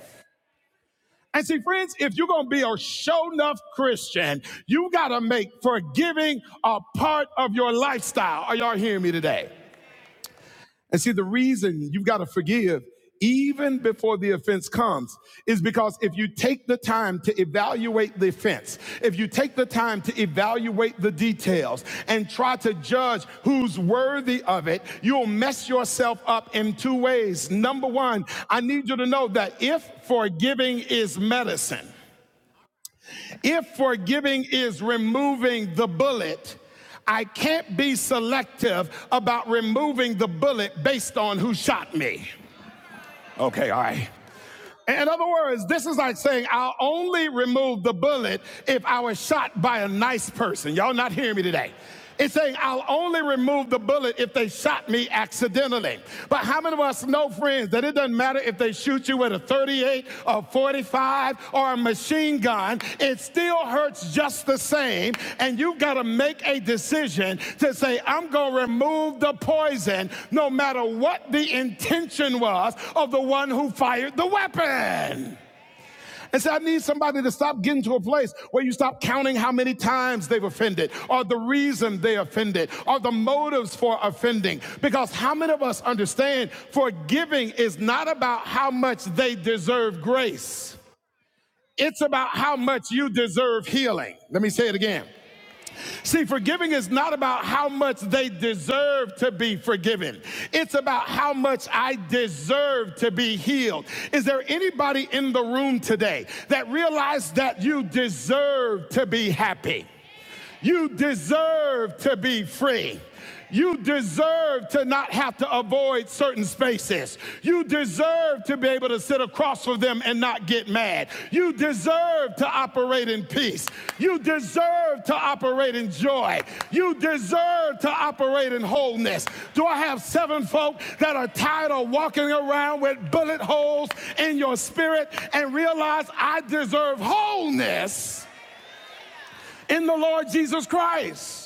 Speaker 1: And see, friends, if you're going to be a show enough Christian, you got to make forgiving a part of your lifestyle. Are y'all hearing me today? And see, the reason you've got to forgive even before the offense comes is because if you take the time to evaluate the offense, if you take the time to evaluate the details and try to judge who's worthy of it, you'll mess yourself up in two ways. Number one, I need you to know that if forgiving is medicine, if forgiving is removing the bullet, I can't be selective about removing the bullet based on who shot me. Okay, all right. In other words, this is like saying I'll only remove the bullet if I was shot by a nice person. Y'all not hearing me today. It's saying I'll only remove the bullet if they shot me accidentally. But how many of us know, friends, that it doesn't matter if they shoot you with a 38, a 45 or a machine gun, it still hurts just the same. And you've got to make a decision to say, I'm going to remove the poison no matter what the intention was of the one who fired the weapon. And so I need somebody to stop getting to a place where you stop counting how many times they've offended or the reason they offended or the motives for offending. Because how many of us understand forgiving is not about how much they deserve grace? It's about how much you deserve healing. Let me say it again. See, forgiving is not about how much they deserve to be forgiven. It's about how much I deserve to be healed. Is there anybody in the room today that realized that you deserve to be happy? You deserve to be free. You deserve to not have to avoid certain spaces. You deserve to be able to sit across from them and not get mad. You deserve to operate in peace. You deserve to operate in joy. You deserve to operate in wholeness. Do I have seven folk that are tired of walking around with bullet holes in your spirit and realize I deserve wholeness in the Lord Jesus Christ?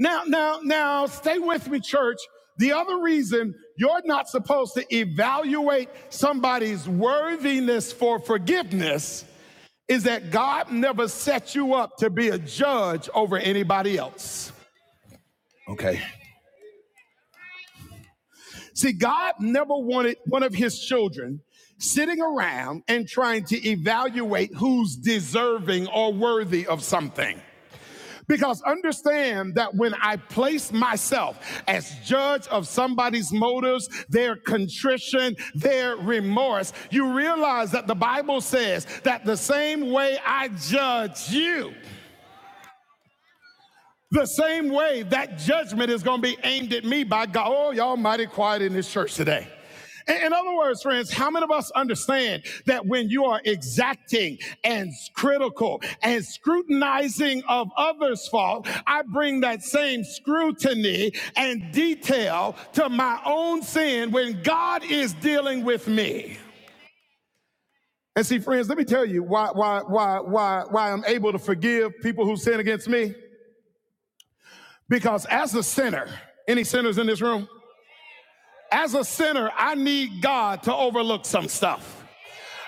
Speaker 1: Now, now, now, stay with me, church. The other reason you're not supposed to evaluate somebody's worthiness for forgiveness is that God never set you up to be a judge over anybody else. Okay. See, God never wanted one of his children sitting around and trying to evaluate who's deserving or worthy of something. Because understand that when I place myself as judge of somebody's motives, their contrition, their remorse, you realize that the Bible says that the same way I judge you, the same way that judgment is going to be aimed at me by God. Oh, y'all mighty quiet in this church today. In other words, friends, how many of us understand that when you are exacting and critical and scrutinizing of others' fault, I bring that same scrutiny and detail to my own sin when God is dealing with me? And see, friends, let me tell you why, why, why, why, why I'm able to forgive people who sin against me. Because as a sinner, any sinners in this room? As a sinner, I need God to overlook some stuff.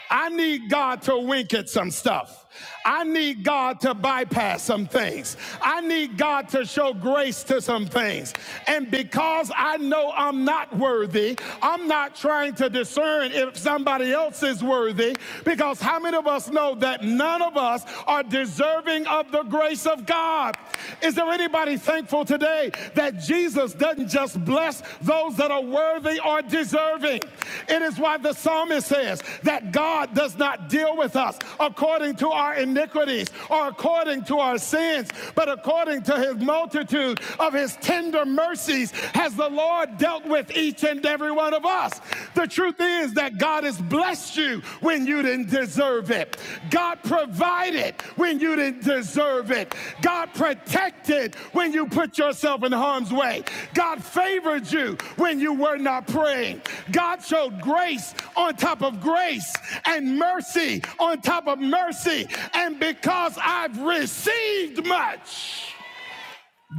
Speaker 1: I need God to wink at some stuff. I need God to bypass some things. I need God to show grace to some things. And because I know I'm not worthy, I'm not trying to discern if somebody else is worthy. Because how many of us know that none of us are deserving of? of the grace of God. Is there anybody thankful today that Jesus doesn't just bless those that are worthy or deserving? It is why the psalmist says that God does not deal with us according to our iniquities or according to our sins, but according to his multitude of his tender mercies has the Lord dealt with each and every one of us. The the truth is that God has blessed you when you didn't deserve it. God provided when you didn't deserve it. God protected when you put yourself in harm's way. God favored you when you were not praying. God showed grace on top of grace and mercy on top of mercy. And because I've received much,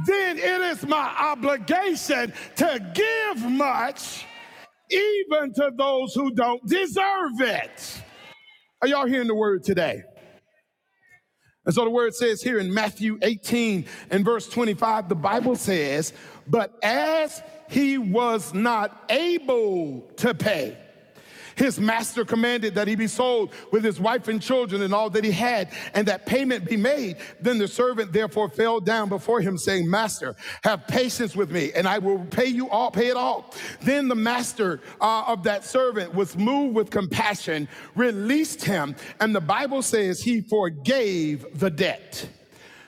Speaker 1: then it is my obligation to give much even to those who don't deserve it. Are y'all hearing the word today? And so the word says here in Matthew 18 and verse 25, the Bible says, But as he was not able to pay, his master commanded that he be sold with his wife and children and all that he had, and that payment be made. Then the servant therefore fell down before him, saying, Master, have patience with me, and I will pay you all, pay it all. Then the master uh, of that servant was moved with compassion, released him, and the Bible says he forgave the debt.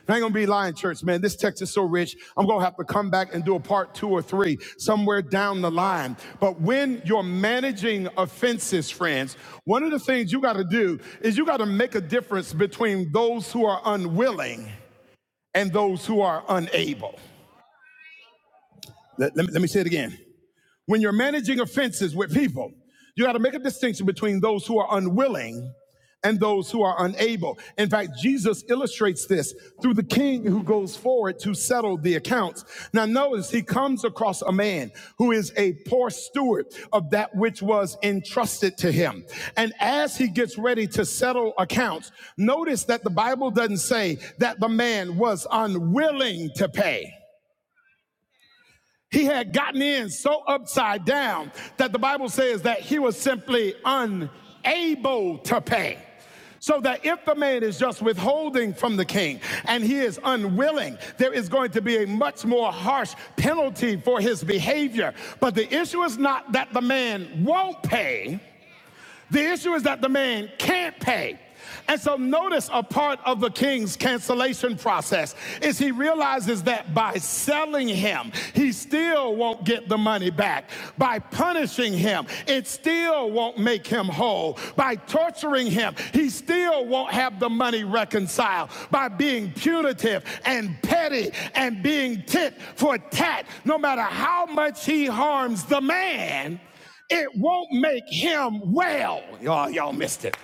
Speaker 1: I ain't gonna be lying, church, man. This text is so rich. I'm gonna have to come back and do a part two or three somewhere down the line. But when you're managing offenses, friends, one of the things you gotta do is you gotta make a difference between those who are unwilling and those who are unable. Let, let me, let me say it again. When you're managing offenses with people, you got to make a distinction between those who are unwilling and those who are unable. In fact, Jesus illustrates this through the king who goes forward to settle the accounts. Now, notice he comes across a man who is a poor steward of that which was entrusted to him. And as he gets ready to settle accounts, notice that the Bible doesn't say that the man was unwilling to pay. He had gotten in so upside down that the Bible says that he was simply unable to pay. So that if the man is just withholding from the king and he is unwilling, there is going to be a much more harsh penalty for his behavior. But the issue is not that the man won't pay, the issue is that the man can't pay. And so, notice a part of the king's cancellation process is he realizes that by selling him, he still won't get the money back. By punishing him, it still won't make him whole. By torturing him, he still won't have the money reconciled. By being punitive and petty and being tit for tat, no matter how much he harms the man, it won't make him well. Y'all, y'all missed it.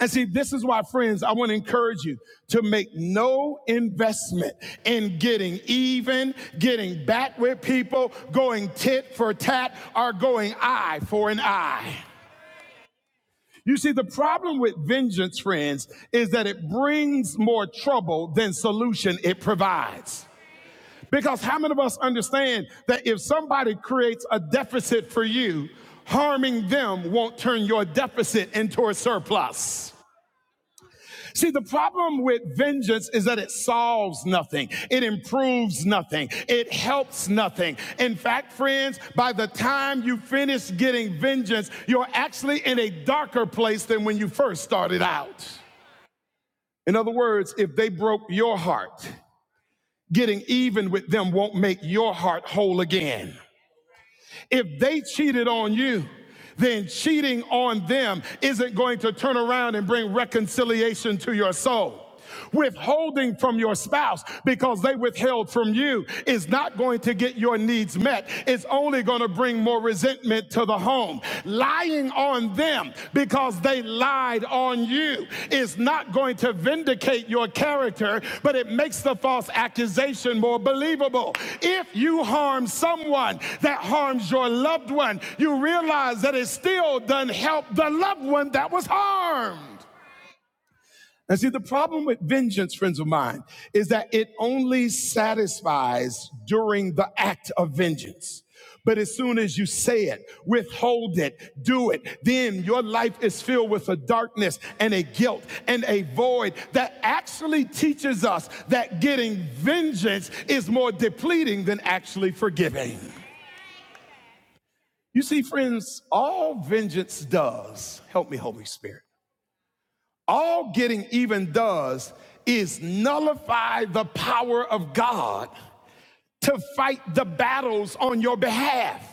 Speaker 1: And see, this is why, friends, I want to encourage you to make no investment in getting even, getting back with people, going tit for tat, or going eye for an eye. You see, the problem with vengeance, friends, is that it brings more trouble than solution it provides. Because how many of us understand that if somebody creates a deficit for you, harming them won't turn your deficit into a surplus? See, the problem with vengeance is that it solves nothing. It improves nothing. It helps nothing. In fact, friends, by the time you finish getting vengeance, you're actually in a darker place than when you first started out. In other words, if they broke your heart, getting even with them won't make your heart whole again. If they cheated on you, then cheating on them isn't going to turn around and bring reconciliation to your soul. Withholding from your spouse because they withheld from you is not going to get your needs met. It's only going to bring more resentment to the home. Lying lying on them because they lied on you is not going to vindicate your character, but it makes the false accusation more believable. If you harm someone that harms your loved one, you realize that it still doesn't help the loved one that was harmed. And see, the problem with vengeance, friends of mine, is that it only satisfies during the act of vengeance. But as soon as you say it, withhold it, do it, then your life is filled with a darkness and a guilt and a void that actually teaches us that getting vengeance is more depleting than actually forgiving. You see, friends, all vengeance does, help me, Holy Spirit all getting even does is nullify the power of God to fight the battles on your behalf.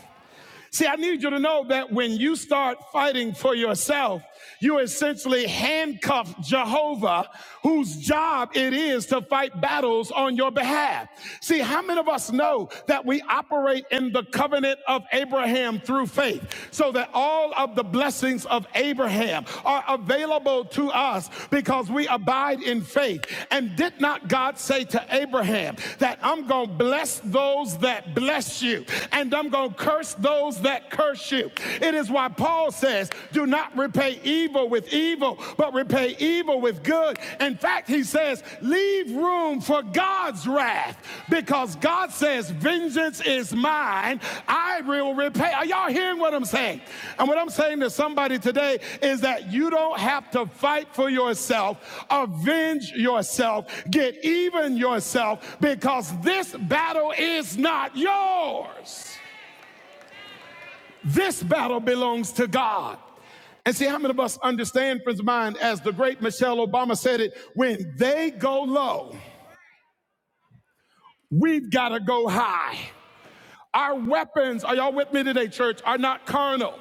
Speaker 1: See, I need you to know that when you start fighting for yourself, you essentially handcuff Jehovah, whose job it is to fight battles on your behalf. See, how many of us know that we operate in the covenant of Abraham through faith? So that all of the blessings of Abraham are available to us because we abide in faith. And did not God say to Abraham that I'm going to bless those that bless you and I'm going to curse those that curse you? It is why Paul says, do not repay evil with evil, but repay evil with good. In fact, he says, Leave room for God's wrath because God says, Vengeance is mine. I will repay. Are y'all hearing what I'm saying? And what I'm saying to somebody today is that you don't have to fight for yourself, avenge yourself, get even yourself because this battle is not yours. This battle belongs to God. And see how many of us understand, friends of mine, as the great Michelle Obama said it when they go low, We've got to go high. Our weapons, are y'all with me today, church, are not carnal,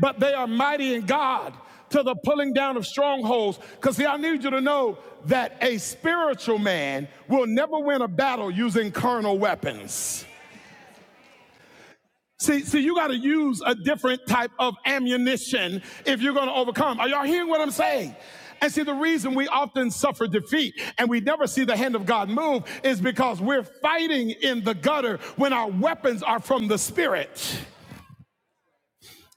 Speaker 1: but they are mighty in God to the pulling down of strongholds. Because, see, I need you to know that a spiritual man will never win a battle using carnal weapons. See, see, you got to use a different type of ammunition if you're going to overcome. Are y'all hearing what I'm saying? And see, the reason we often suffer defeat and we never see the hand of God move is because we're fighting in the gutter when our weapons are from the Spirit.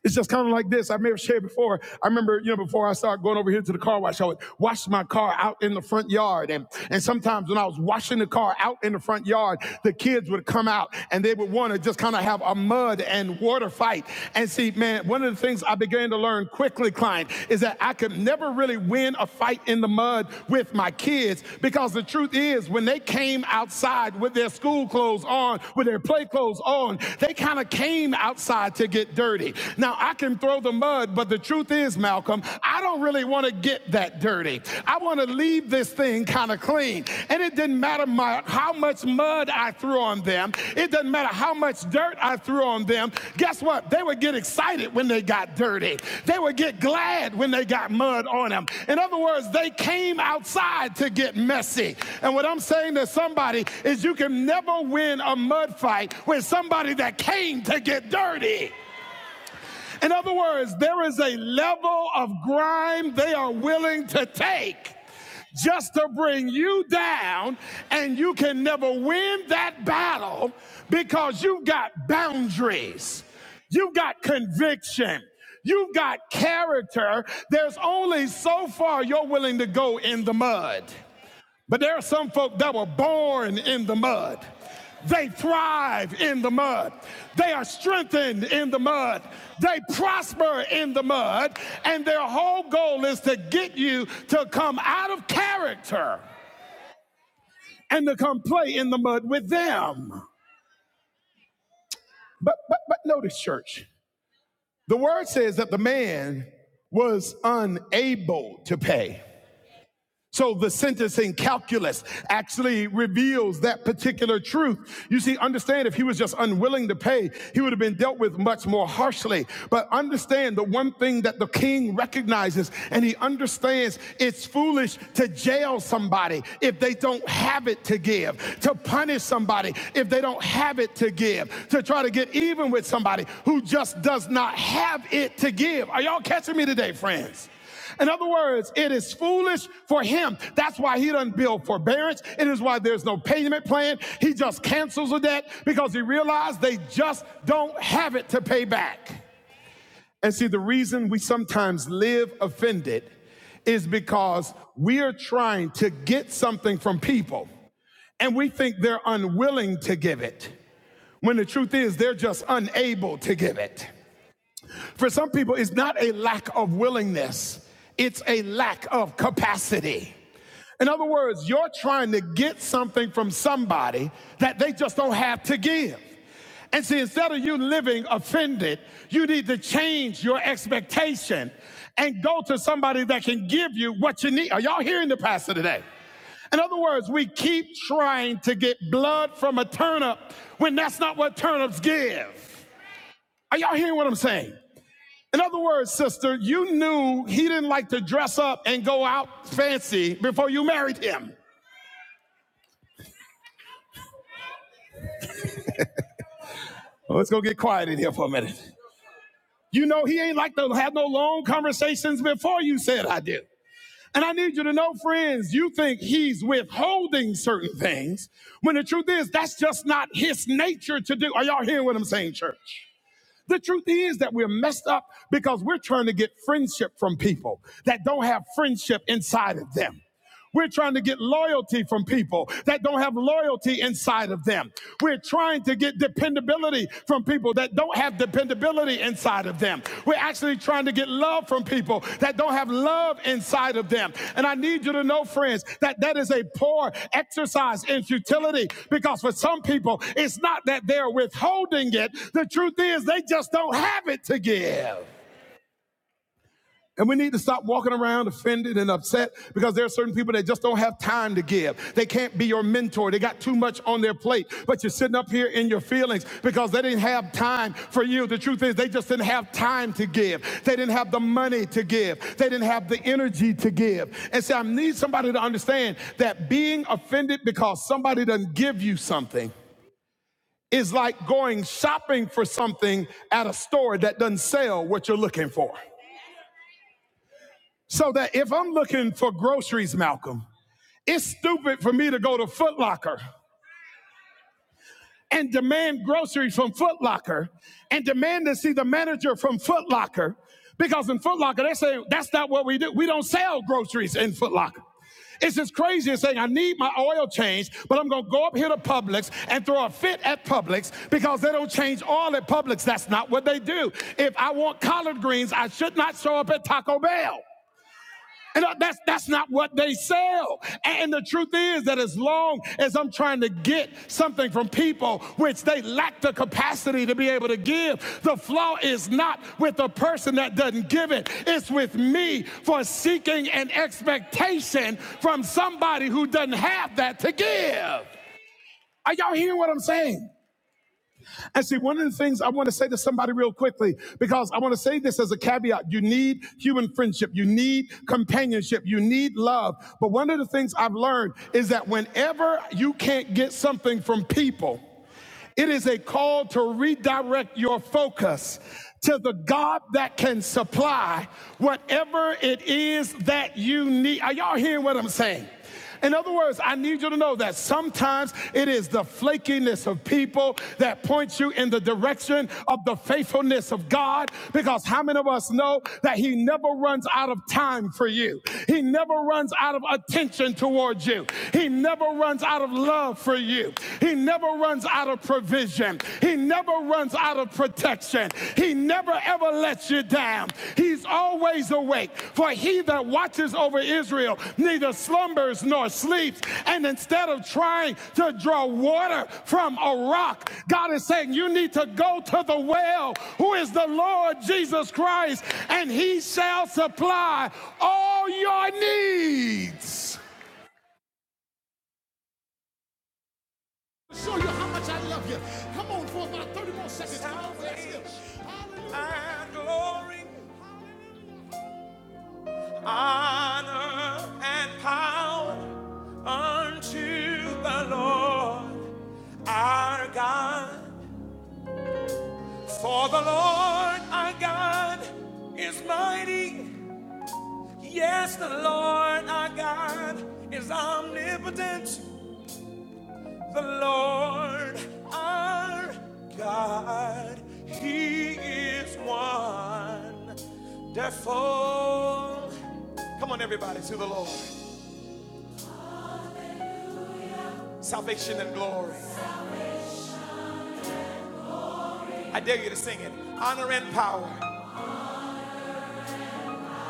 Speaker 1: It's just kind of like this. I may have shared before. I remember, you know, before I started going over here to the car wash, I would wash my car out in the front yard. And, and sometimes when I was washing the car out in the front yard, the kids would come out and they would want to just kind of have a mud and water fight. And see, man, one of the things I began to learn quickly, Klein, is that I could never really win a fight in the mud with my kids because the truth is, when they came outside with their school clothes on, with their play clothes on, they kind of came outside to get dirty dirty. Now, I can throw the mud, but the truth is, Malcolm, I don't really want to get that dirty. I want to leave this thing kind of clean. And it didn't matter my, how much mud I threw on them, it doesn't matter how much dirt I threw on them. Guess what? They would get excited when they got dirty, they would get glad when they got mud on them. In other words, they came outside to get messy. And what I'm saying to somebody is you can never win a mud fight with somebody that came to get dirty. In other words, there is a level of grime they are willing to take just to bring you down, and you can never win that battle because you've got boundaries, you've got conviction, you've got character. There's only so far you're willing to go in the mud. But there are some folk that were born in the mud. They thrive in the mud. They are strengthened in the mud. They prosper in the mud. And their whole goal is to get you to come out of character and to come play in the mud with them. But, but, but notice, church, the word says that the man was unable to pay. So the sentencing calculus actually reveals that particular truth. You see, understand if he was just unwilling to pay, he would have been dealt with much more harshly. But understand the one thing that the king recognizes and he understands it's foolish to jail somebody if they don't have it to give, to punish somebody if they don't have it to give, to try to get even with somebody who just does not have it to give. Are y'all catching me today, friends? In other words, it is foolish for him. That's why he doesn't build forbearance. It is why there's no payment plan. He just cancels the debt because he realized they just don't have it to pay back. And see, the reason we sometimes live offended is because we are trying to get something from people and we think they're unwilling to give it when the truth is they're just unable to give it. For some people, it's not a lack of willingness, it's a lack of capacity. In other words, you're trying to get something from somebody that they just don't have to give. And see, instead of you living offended, you need to change your expectation and go to somebody that can give you what you need. Are y'all hearing the pastor today? In other words, we keep trying to get blood from a turnip when that's not what turnips give. Are y'all hearing what I'm saying? In other words, sister, you knew he didn't like to dress up and go out fancy before you married him. Well, let's go get quiet in here for a minute. You know he ain't like to have no long conversations before you said I do. And I need you to know, friends, you think he's withholding certain things when the truth is that's just not his nature to do. Are y'all hearing what I'm saying, church? The truth is that we're messed up because we're trying to get friendship from people that don't have friendship inside of them. We're trying to get loyalty from people that don't have loyalty inside of them. We're trying to get dependability from people that don't have dependability inside inside of them. We're actually trying to get love from people that don't have love inside of them. And I need you to know, friends, that that is a poor exercise in futility because for some people, it's not that they're withholding it. The truth is, they just don't have it to give. And we need to stop walking around offended and upset because there are certain people that just don't have time to give. They can't be your mentor. They got too much on their plate. But you're sitting up here in your feelings because they didn't have time for you. The truth is, they just didn't have time to give. They didn't have the money to give. They didn't have the energy to give. And so I need somebody to understand that being offended because somebody doesn't give you something is like going shopping for something at a store that doesn't sell what you're looking for. So that if I'm looking for groceries, Malcolm, it's stupid for me to go to Foot Locker and demand groceries from Foot Locker and demand to see the manager from Foot Locker because in Foot Locker, they say that's not what we do. We don't sell groceries in Foot Locker. It's as crazy as saying, I need my oil changed, but I'm going to go up here to Publix and throw a fit at Publix because they don't change oil at Publix. That's not what they do. If I want collard greens, I should not show up at Taco Bell. And that's that's not what they sell. And the truth is that as long as I'm trying to get something from people which they lack the capacity to be able to give, the flaw is not with the person that doesn't give it. It's with me for seeking an expectation from somebody who doesn't have that to give. Are y'all hearing what I'm saying? And see, one of the things I want to say to somebody real quickly, because I want to say this as a caveat you need human friendship, you need companionship, you need love. But one of the things I've learned is that whenever you can't get something from people, it is a call to redirect your focus to the God that can supply whatever it is that you need. Are y'all hearing what I'm saying? In other words, I need you to know that sometimes it is the flakiness of people that points you in the direction of the faithfulness of God. Because how many of us know that He never runs out of time for you? He never runs out of attention towards you. He never runs out of love for you. He never runs out of provision. He never runs out of protection he never ever lets you down. He's always awake. For he that watches over Israel neither slumbers nor sleeps. And instead of trying to draw water from a rock, God is saying, You need to go to the well, who is the Lord Jesus Christ, and he shall supply all your needs. honor and power unto the Lord our God. For the Lord our God is mighty. Yes, the Lord our God is omnipotent. The Lord our God, He is wonderful. Come on, everybody, to the Lord. Salvation and glory. I dare you to sing it. Honor and power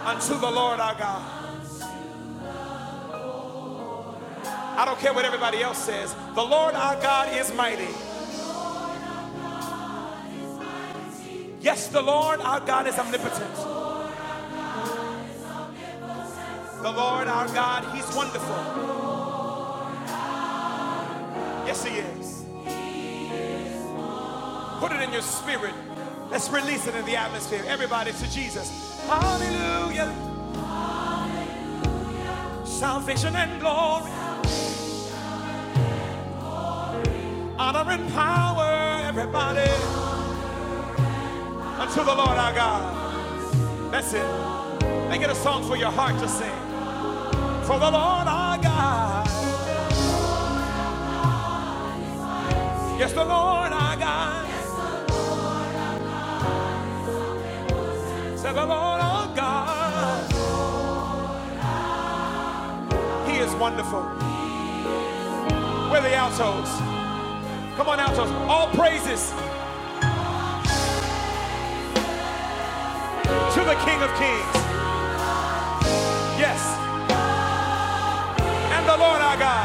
Speaker 1: unto the Lord our God. I don't care what everybody else says. The Lord our God is mighty. Yes, the Lord our God is omnipotent. The Lord our God, He's wonderful. Yes, He is. Put it in your spirit. Let's release it in the atmosphere. Everybody to Jesus. Hallelujah. Salvation and glory, honor and power, everybody. Unto the Lord our God. That's it. Make it a song for your heart to sing. For the Lord our God. Yes, the Lord our God. Say the Lord our God. He is wonderful. We're the altos. Come on, altos. All praises to the King of Kings. Yes. and the Lord our God.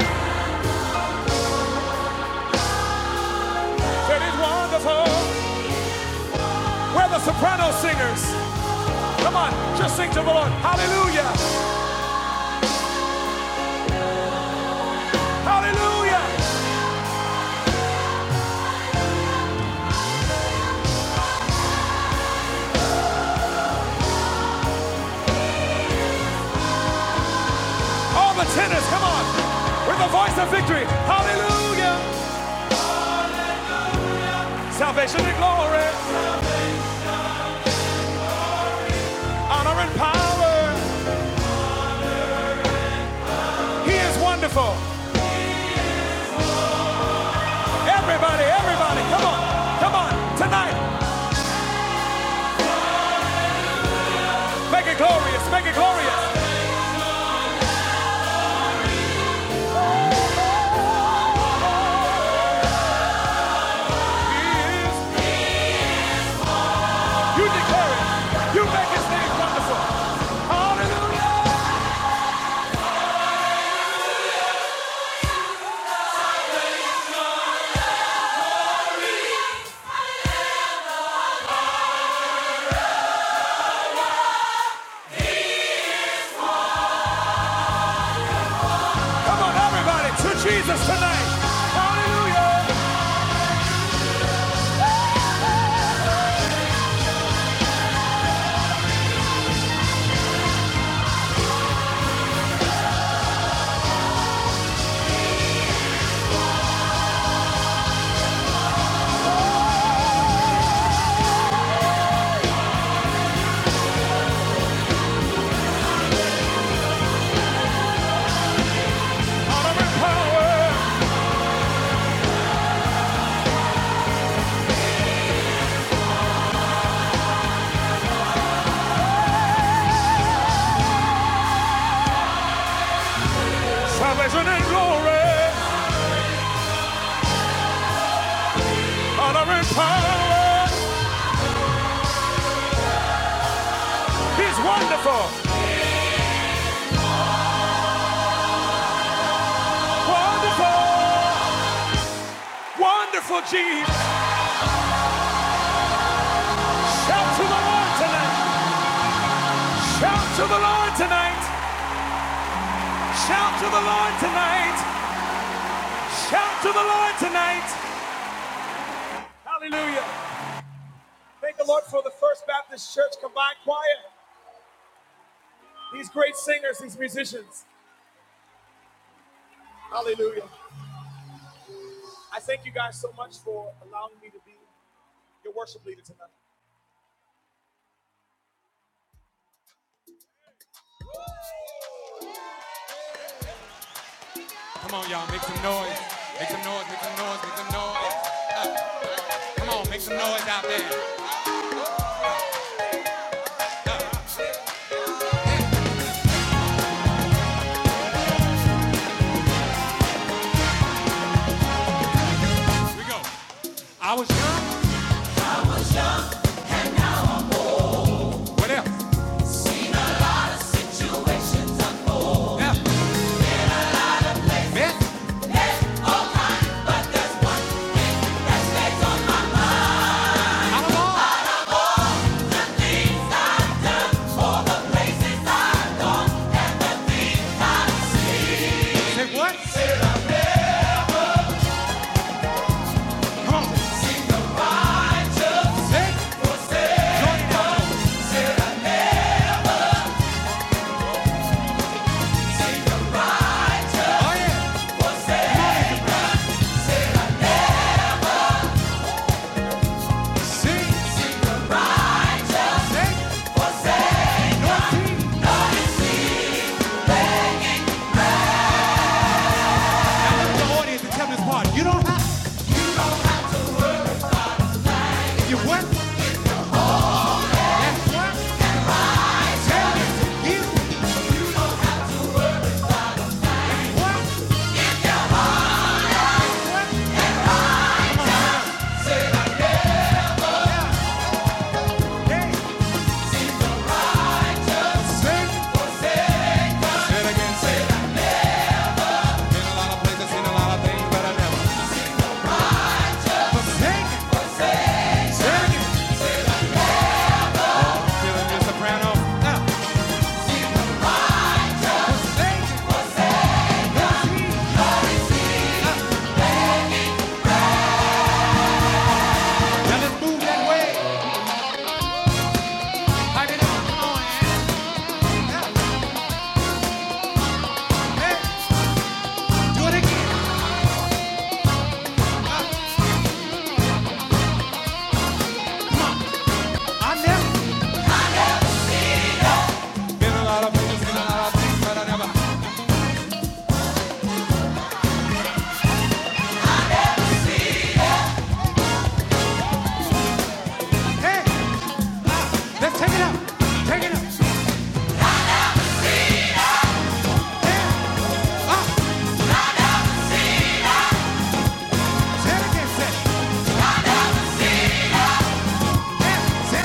Speaker 1: It is wonderful. We're the soprano singers. Come on, just sing to the Lord. Hallelujah. All the tenors, come on. With the voice of victory. Hallelujah. Salvation and glory, honor and power. He is wonderful. Everybody, everybody, come on. Come on. Tonight, make it glorious. Make it glorious. He is. You declare it. You make his name wonderful. Hallelujah. Come on, everybody, to Jesus tonight. Hallelujah. Honor and power. Salvation and glory, honor and power. He's wonderful, wonderful, wonderful Jesus. Shout to the Lord tonight. Shout to the Lord tonight. Shout to the Lord tonight. Shout to the Lord tonight. For are the First Baptist Church Combined Choir musicians. Hallelujah. I thank you guys so much for allowing me to be your worship leader tonight. Here we go. I was young, what else? Left, North, sing, the audience to tell this part. You don't have to. if you want That's what. tell it to you. They sing. Say it again, say it. Been a lot of places, seen a lot of things, but I never forsaken. Sing it. Sing it. Feeling your soprano. Now, forsaken. Now let's move that way. Like it Hey, do it again. I never said it. Said it.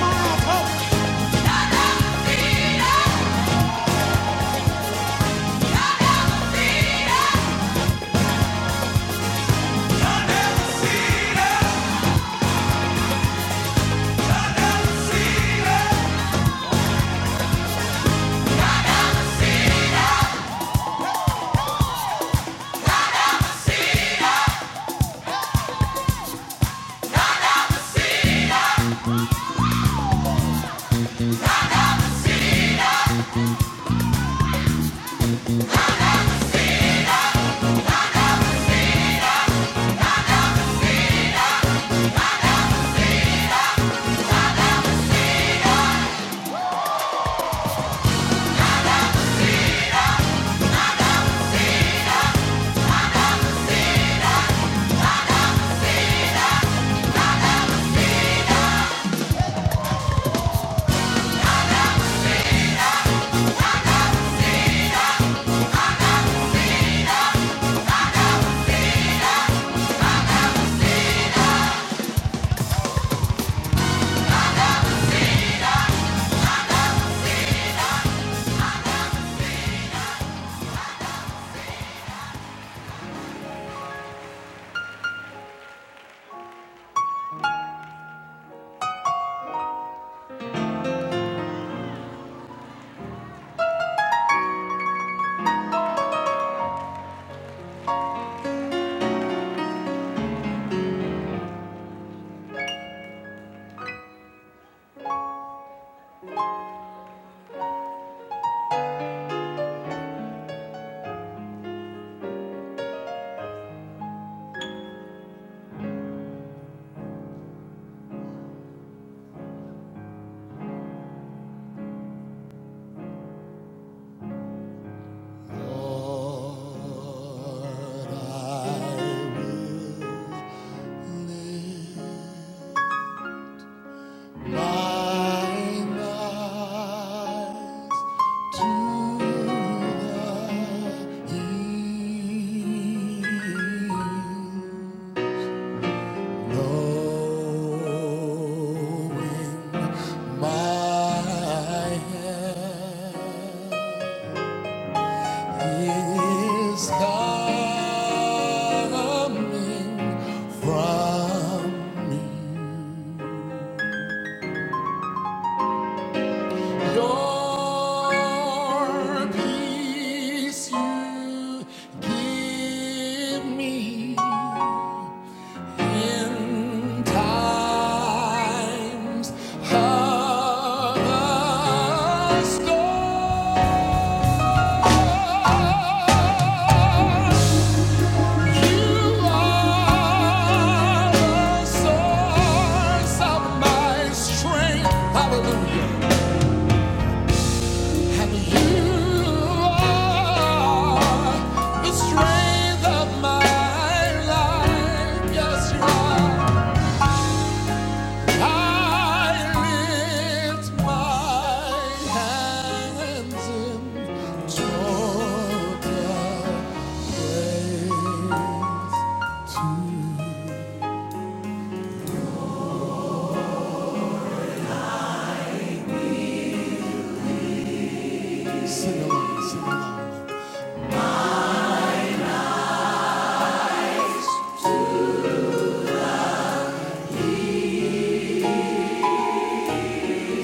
Speaker 1: Tomorrow, the Going I For peace you give me, times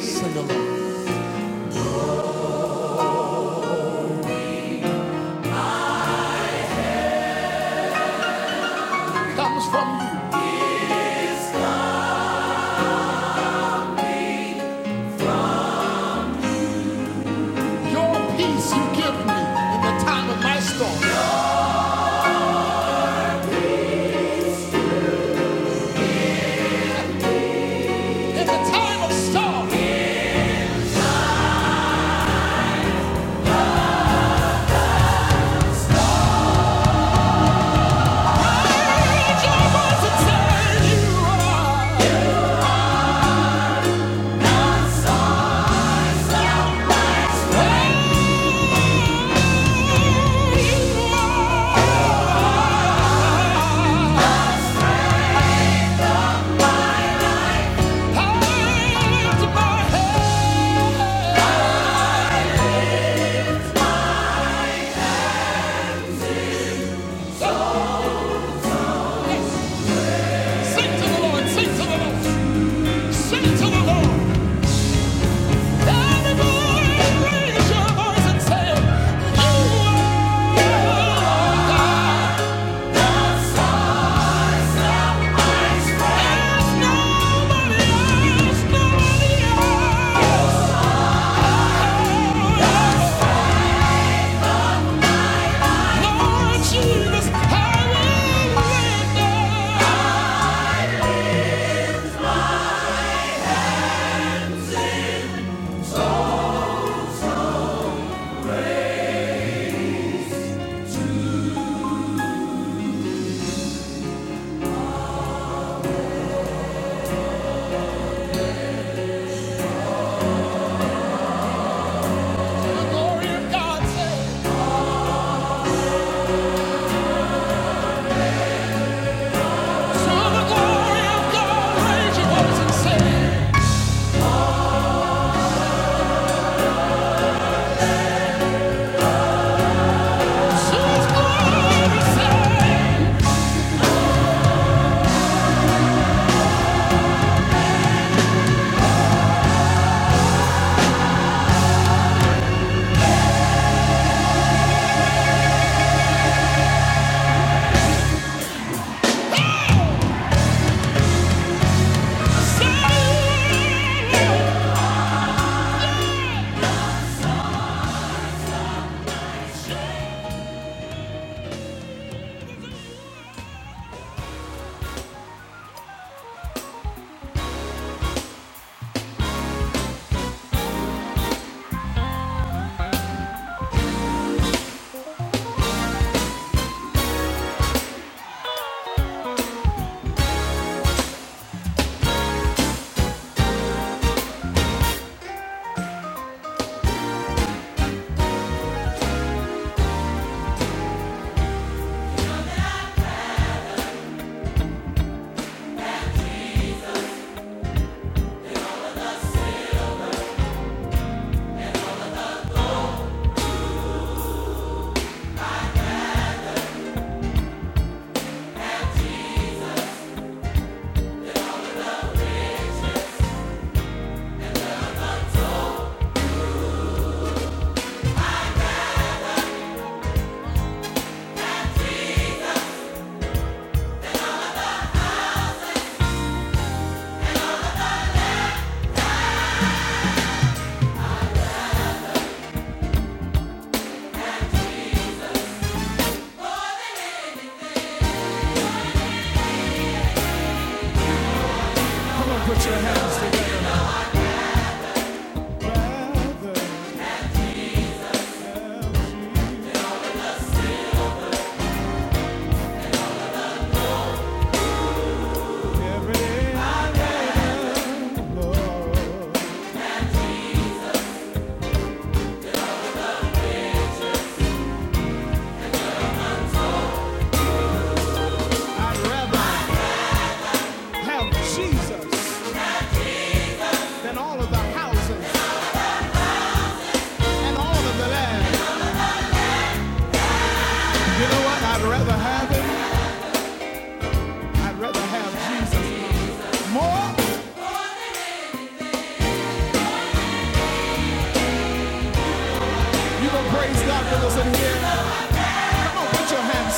Speaker 1: sing along, comes from you. Your peace you give me in the time of my storm, in the time of storm. Raise your voice and say, "You are." You're the source of my strength. You are. Lift up our Sing to the Lord, sing to the Lord, sing to the Lord. Everybody raise your voice and say, You are God. There's nobody else, nobody else. Lord Jesus, I will lift up glory of God.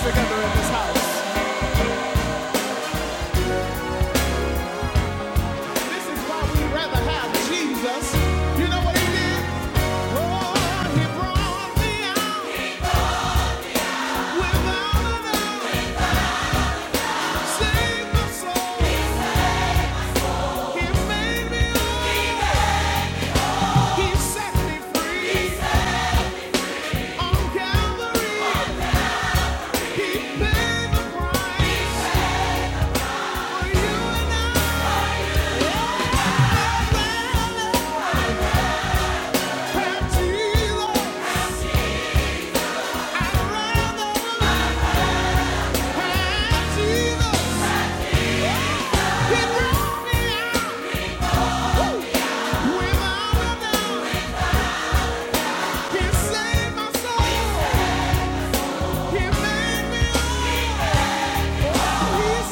Speaker 1: Together in this house. This is why we'd rather have Jesus. You know what he did? Oh, he brought me out without a doubt. He me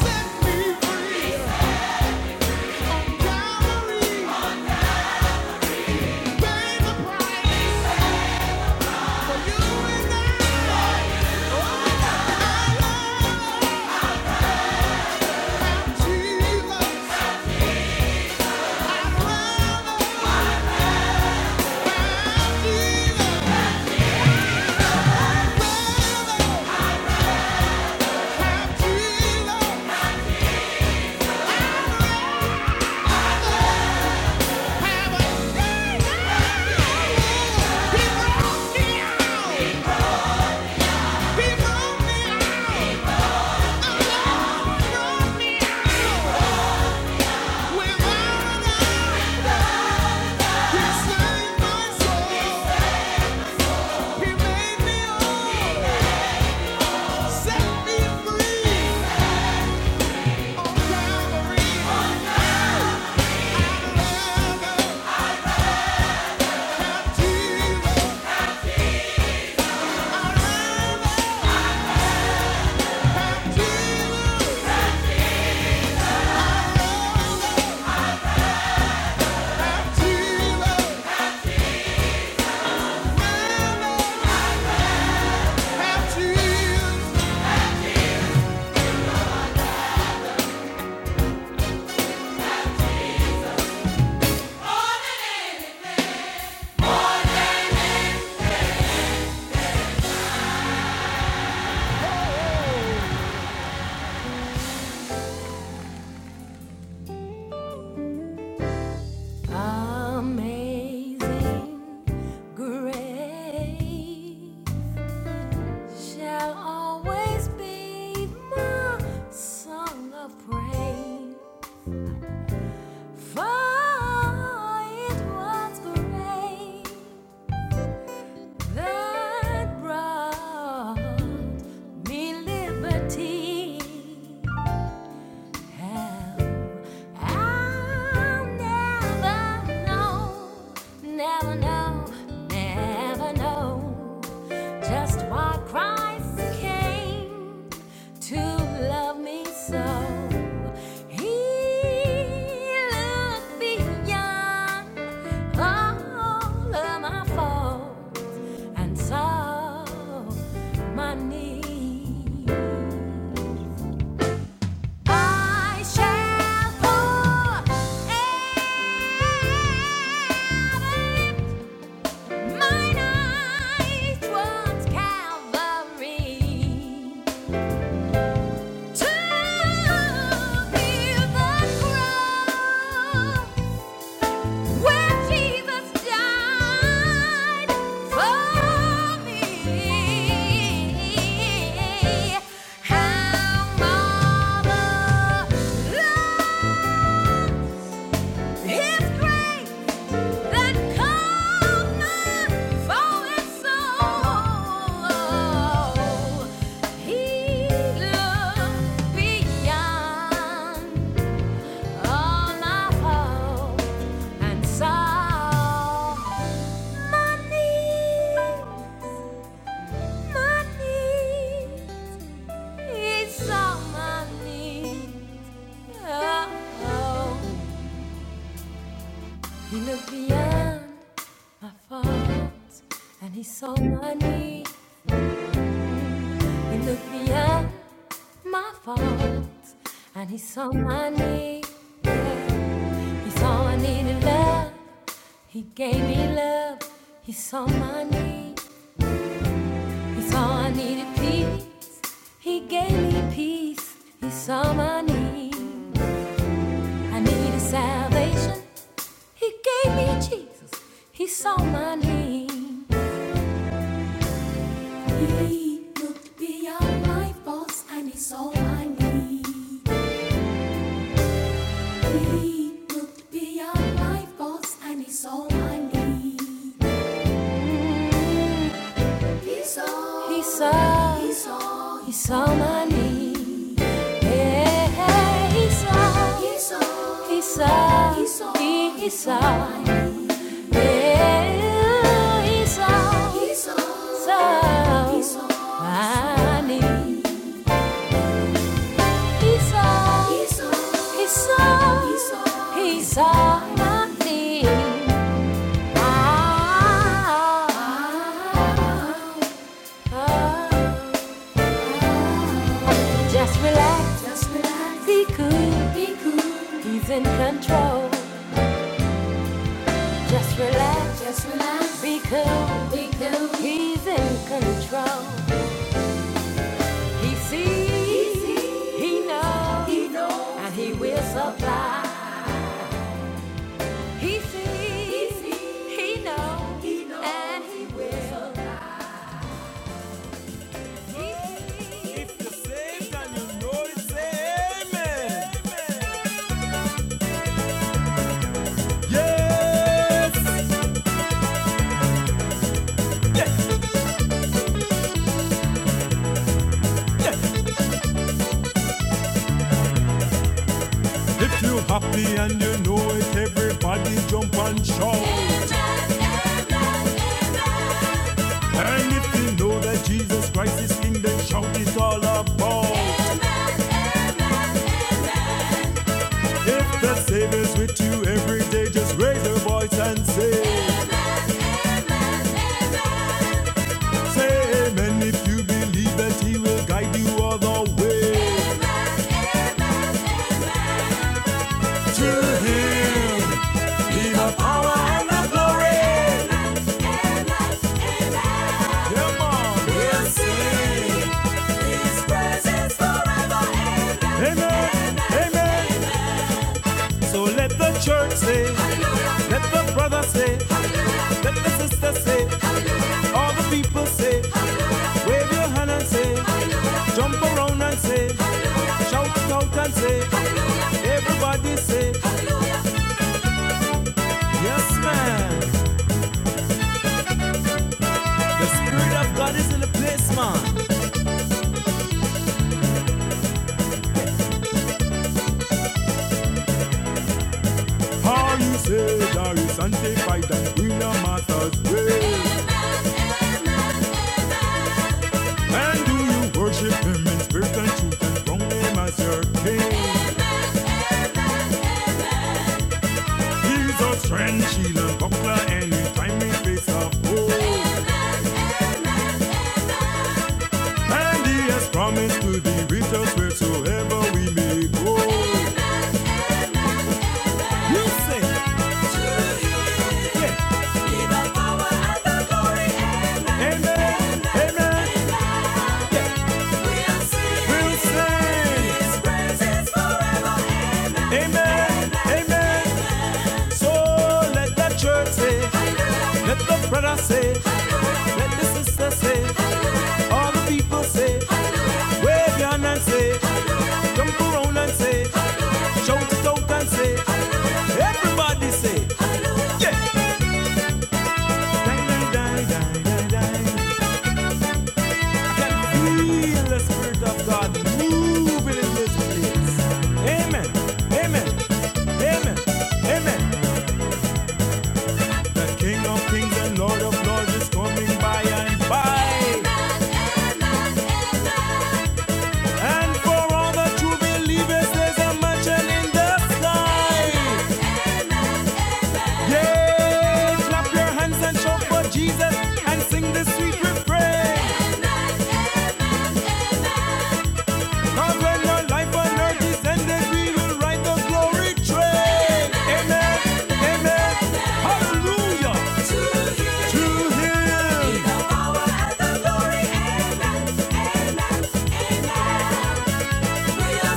Speaker 1: set me free. People me out! Amazing grace. shall always be my song of praise. For it was great that brought me liberty. hell. I'll never know, never know, never know just why Christ came to love me so. He looked beyond all of my faults and saw my need. I shall forever mine eyes towards Calvary to view the cross where Jesus died for me. How marvelous! His grace that cometh soul. He looked beyond all my hope and saw my needs, He saw my needs. Oh, oh. He looked beyond. my faults and he saw my need. He looked beyond my faults and he saw my need. He saw I needed love. He gave me love. He saw my need. He saw I needed peace. He gave me peace. He saw my need. I needed salvation. He gave me Jesus. He saw my need. He looked beyond my faults and he saw my need. He looked beyond my faults and he saw my need. He saw, he saw, he saw, he saw my need. Yeah, he saw, he saw, he saw, he saw, he, he saw. my need. Yeah, he saw, he saw, he saw, my need. He saw, he saw, he saw, he saw, he Ah, ah, ah. Just relax, be cool, cool. He's in control. Just relax, just relax, be cool, be cool. He's in control. He sees, he, sees. he knows, he knows, and he will supply. He sees, he, sees, he knows, he knows, and he will. He sees. If you're saved and you know it's amen. Amen. Yes. If you're happy and you know it, everybody jump and shout. Amen, amen, amen. And if you know that Jesus Christ is King, then shout it all about. Amen, amen, amen. If the Savior's with you every day, just raise your voice and say, Amen, amen, amen. Say amen if you believe that He will guide you all the way. Amen, amen, amen. To Him be the power and the glory. Amen, amen, amen. Come on, we'll sing His presence forever. Amen, amen, amen. Amen. So let the church say, hallelujah. let the brother say, hallelujah. let the sister say, hallelujah. all the people say, hallelujah. wave your hand and say, hallelujah. jump around and say, hallelujah. shout it out and say, hallelujah. everybody say, hallelujah. yes man, the spirit of God is in the place man. All you say there is sanctified and in your master's way. Amen, amen, amen. And do you worship him in spirit and truth and wrong him as your king? Amen, amen, amen. He's a strength, shield and buckler, and in time and face of hope. amen. amen, amen. And he has promised to be with us wheresoever we may go. Amen, amen, amen. You say, to Listen. Yeah. Be the power and the glory. Amen. Amen. amen. Amen. Amen. We'll sing. We'll sing. His praises forever. Amen. Amen. Amen. So let the church say, let the brother say, Hallelujah. let the sister say, Hallelujah. all the people say, Hallelujah. wave your hand and say, Hallelujah. jump around and say, Hallelujah. shout it out and say, hallelujah. everybody say, Hallelujah. yeah. can feel the Spirit of God moving in this place. Amen. Amen. Amen. Amen. The King of Kings and Lord of Lords is coming by and by. Amen, amen. amen. And for all the true believers, there's a mansion in the sky. Amen, amen. amen. Yeah, Clap your hands and shout for Jesus and sing this sweet refrain. Amen, amen, amen. And when our life on earth is ended, we will ride the glory train. Amen. Amen. Hallelujah. To Him. Amen. Everybody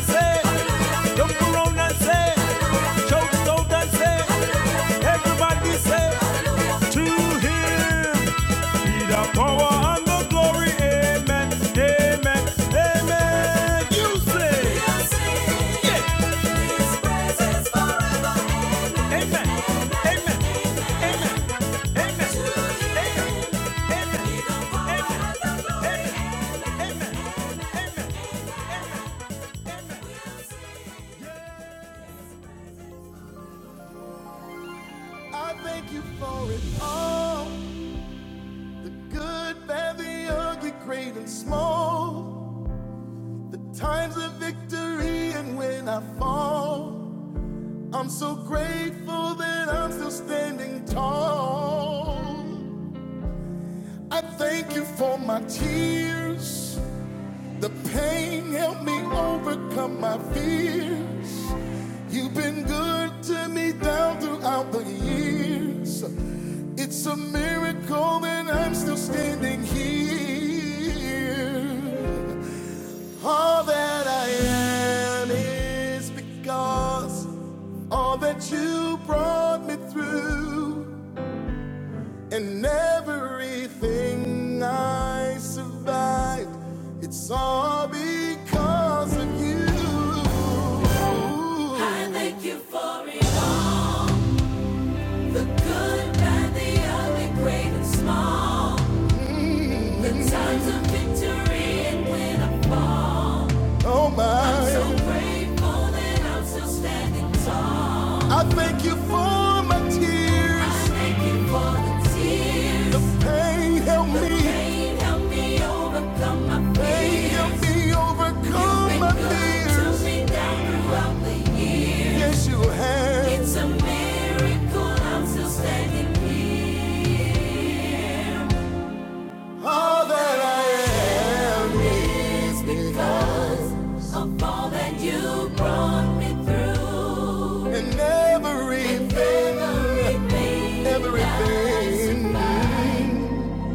Speaker 1: say, to him be the power and the glory. Amen. Amen. Amen. You say. Yeah. Amen. Amen. Amen. Amen. Amen. Amen. Amen. Amen. Amen. I thank you for it all. The good, bad, the ugly, great and small. The times of victory and when I fall, I'm so grateful that I'm still standing tall. I thank you for my tears. The pain helped me overcome my fears. You've been good to me down throughout the years. It's a miracle that I'm still standing here. All that I am is because of all that you brought me through, and everything I survived, it's all because of you. I thank you for it all the good, bad, the ugly, great, and small. The times of victory and when I fall. Oh my. I'm so grateful that I'm still standing tall. I thank you for my I tears. I thank you for the tears. The pain helped The me, The pain helped me overcome my fears. pain helped fears. me overcome You've overcome been good to me down throughout the years. Yeah, It's a miracle I'm still standing here. It's because of all that you brought me through. Anything, Everything, everything. everything.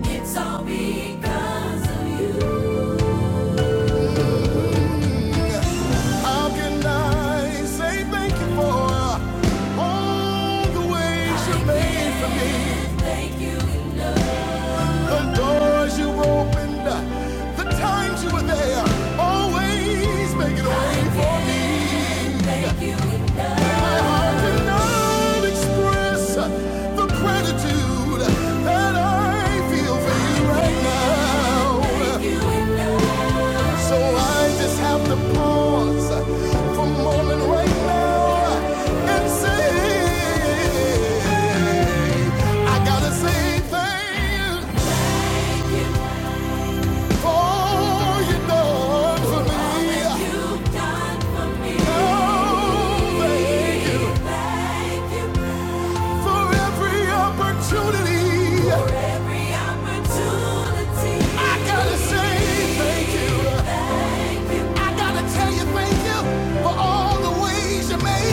Speaker 1: it's all because of you. How can I say thank you for all the ways you made for me? The doors you opened, the times you were there, always making a way for me. I cannot express the gratitude that I feel for you right now. So I just have to pause for a moment right now and say, I gotta say thank you all you done for me. Oh, thank you for your- I gotta say thank you. Oh,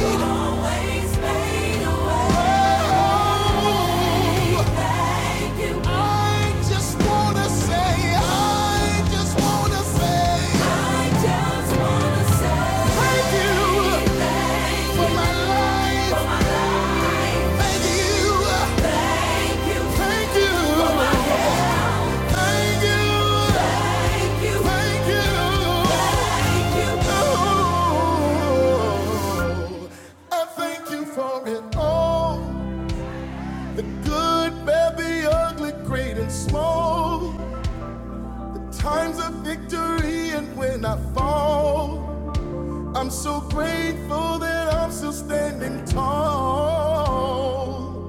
Speaker 1: I wanna say thank you for my life. Thank you. Thank you. Thank you. Thank you. Thank you. Thank you. Oh, I thank you for it all. The good, bad, the ugly, great and small. The times of victory and when I fall. I'm so grateful that I'm still standing tall.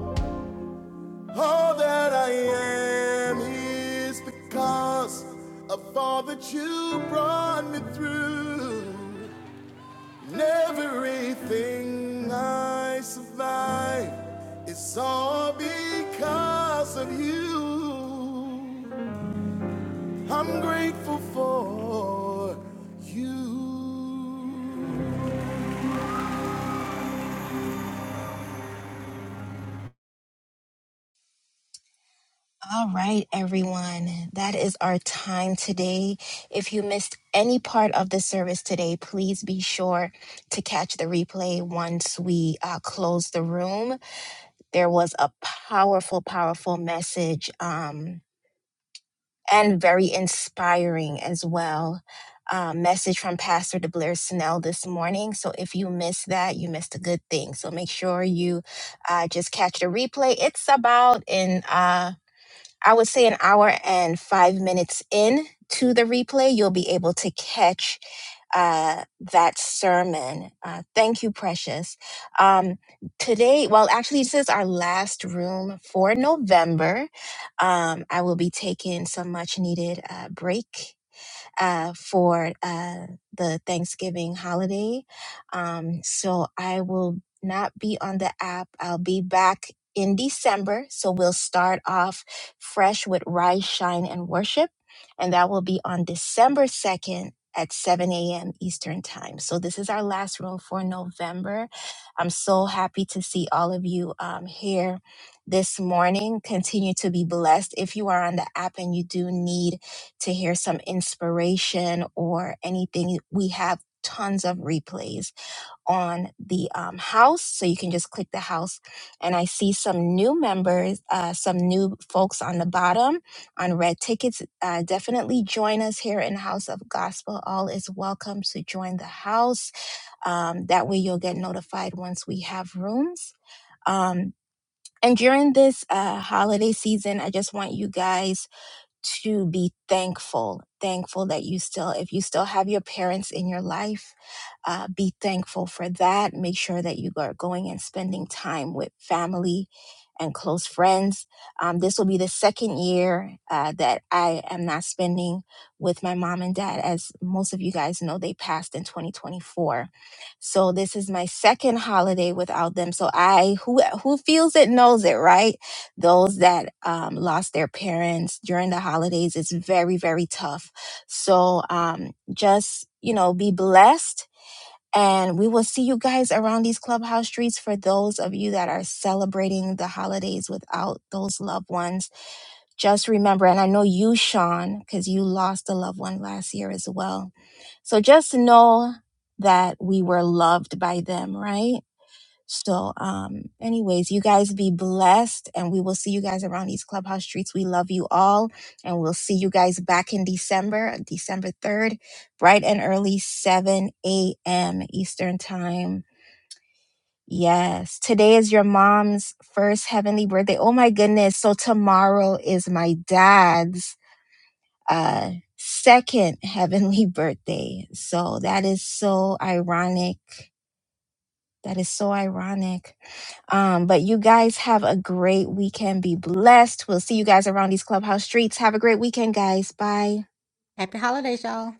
Speaker 1: All that I am is because of all that you brought me through. And everything I survive is all because of you. I'm grateful for you.
Speaker 2: All right, everyone. That is our time today. If you missed any part of the service today, please be sure to catch the replay once we uh, close the room. There was a powerful, powerful message um, and very inspiring as well. Uh, message from Pastor De Blair Snell this morning. So if you missed that, you missed a good thing. So make sure you uh, just catch the replay. It's about in. Uh, I would say an hour and five minutes in to the replay, you'll be able to catch uh, that sermon. Uh, thank you, Precious. Um, today, well, actually, this is our last room for November. Um, I will be taking some much needed uh, break uh, for uh, the Thanksgiving holiday. Um, so I will not be on the app. I'll be back in December. So we'll start off fresh with Rise, Shine, and Worship. And that will be on December 2nd at 7 a.m. Eastern Time. So this is our last room for November. I'm so happy to see all of you um, here this morning. Continue to be blessed. If you are on the app and you do need to hear some inspiration or anything, we have tons of replays on the um, house. So you can just click the house. And I see some new members, uh, some new folks on the bottom on Red Tickets. Uh, definitely join us here in House of Gospel. All is welcome to join the house. Um, that way you'll get notified once we have rooms. Um, and during this uh, holiday season, I just want you guys to be thankful thankful that you still if you still have your parents in your life uh, be thankful for that make sure that you are going and spending time with family and close friends um, this will be the second year uh, that i am not spending with my mom and dad as most of you guys know they passed in 2024 so this is my second holiday without them so i who who feels it knows it right those that um, lost their parents during the holidays it's very very tough so um, just you know be blessed and we will see you guys around these clubhouse streets for those of you that are celebrating the holidays without those loved ones just remember and i know you sean because you lost a loved one last year as well so just know that we were loved by them right so, um, anyways, you guys be blessed, and we will see you guys around these clubhouse streets. We love you all, and we'll see you guys back in December, December 3rd, bright and early, 7 a.m. Eastern Time. Yes, today is your mom's first heavenly birthday. Oh my goodness. So, tomorrow is my dad's uh, second heavenly birthday. So, that is so ironic that is so ironic. Um, but you guys have a great weekend. Be blessed. We'll see you guys around these clubhouse streets. Have a great weekend, guys. Bye.
Speaker 3: happy holidays y'all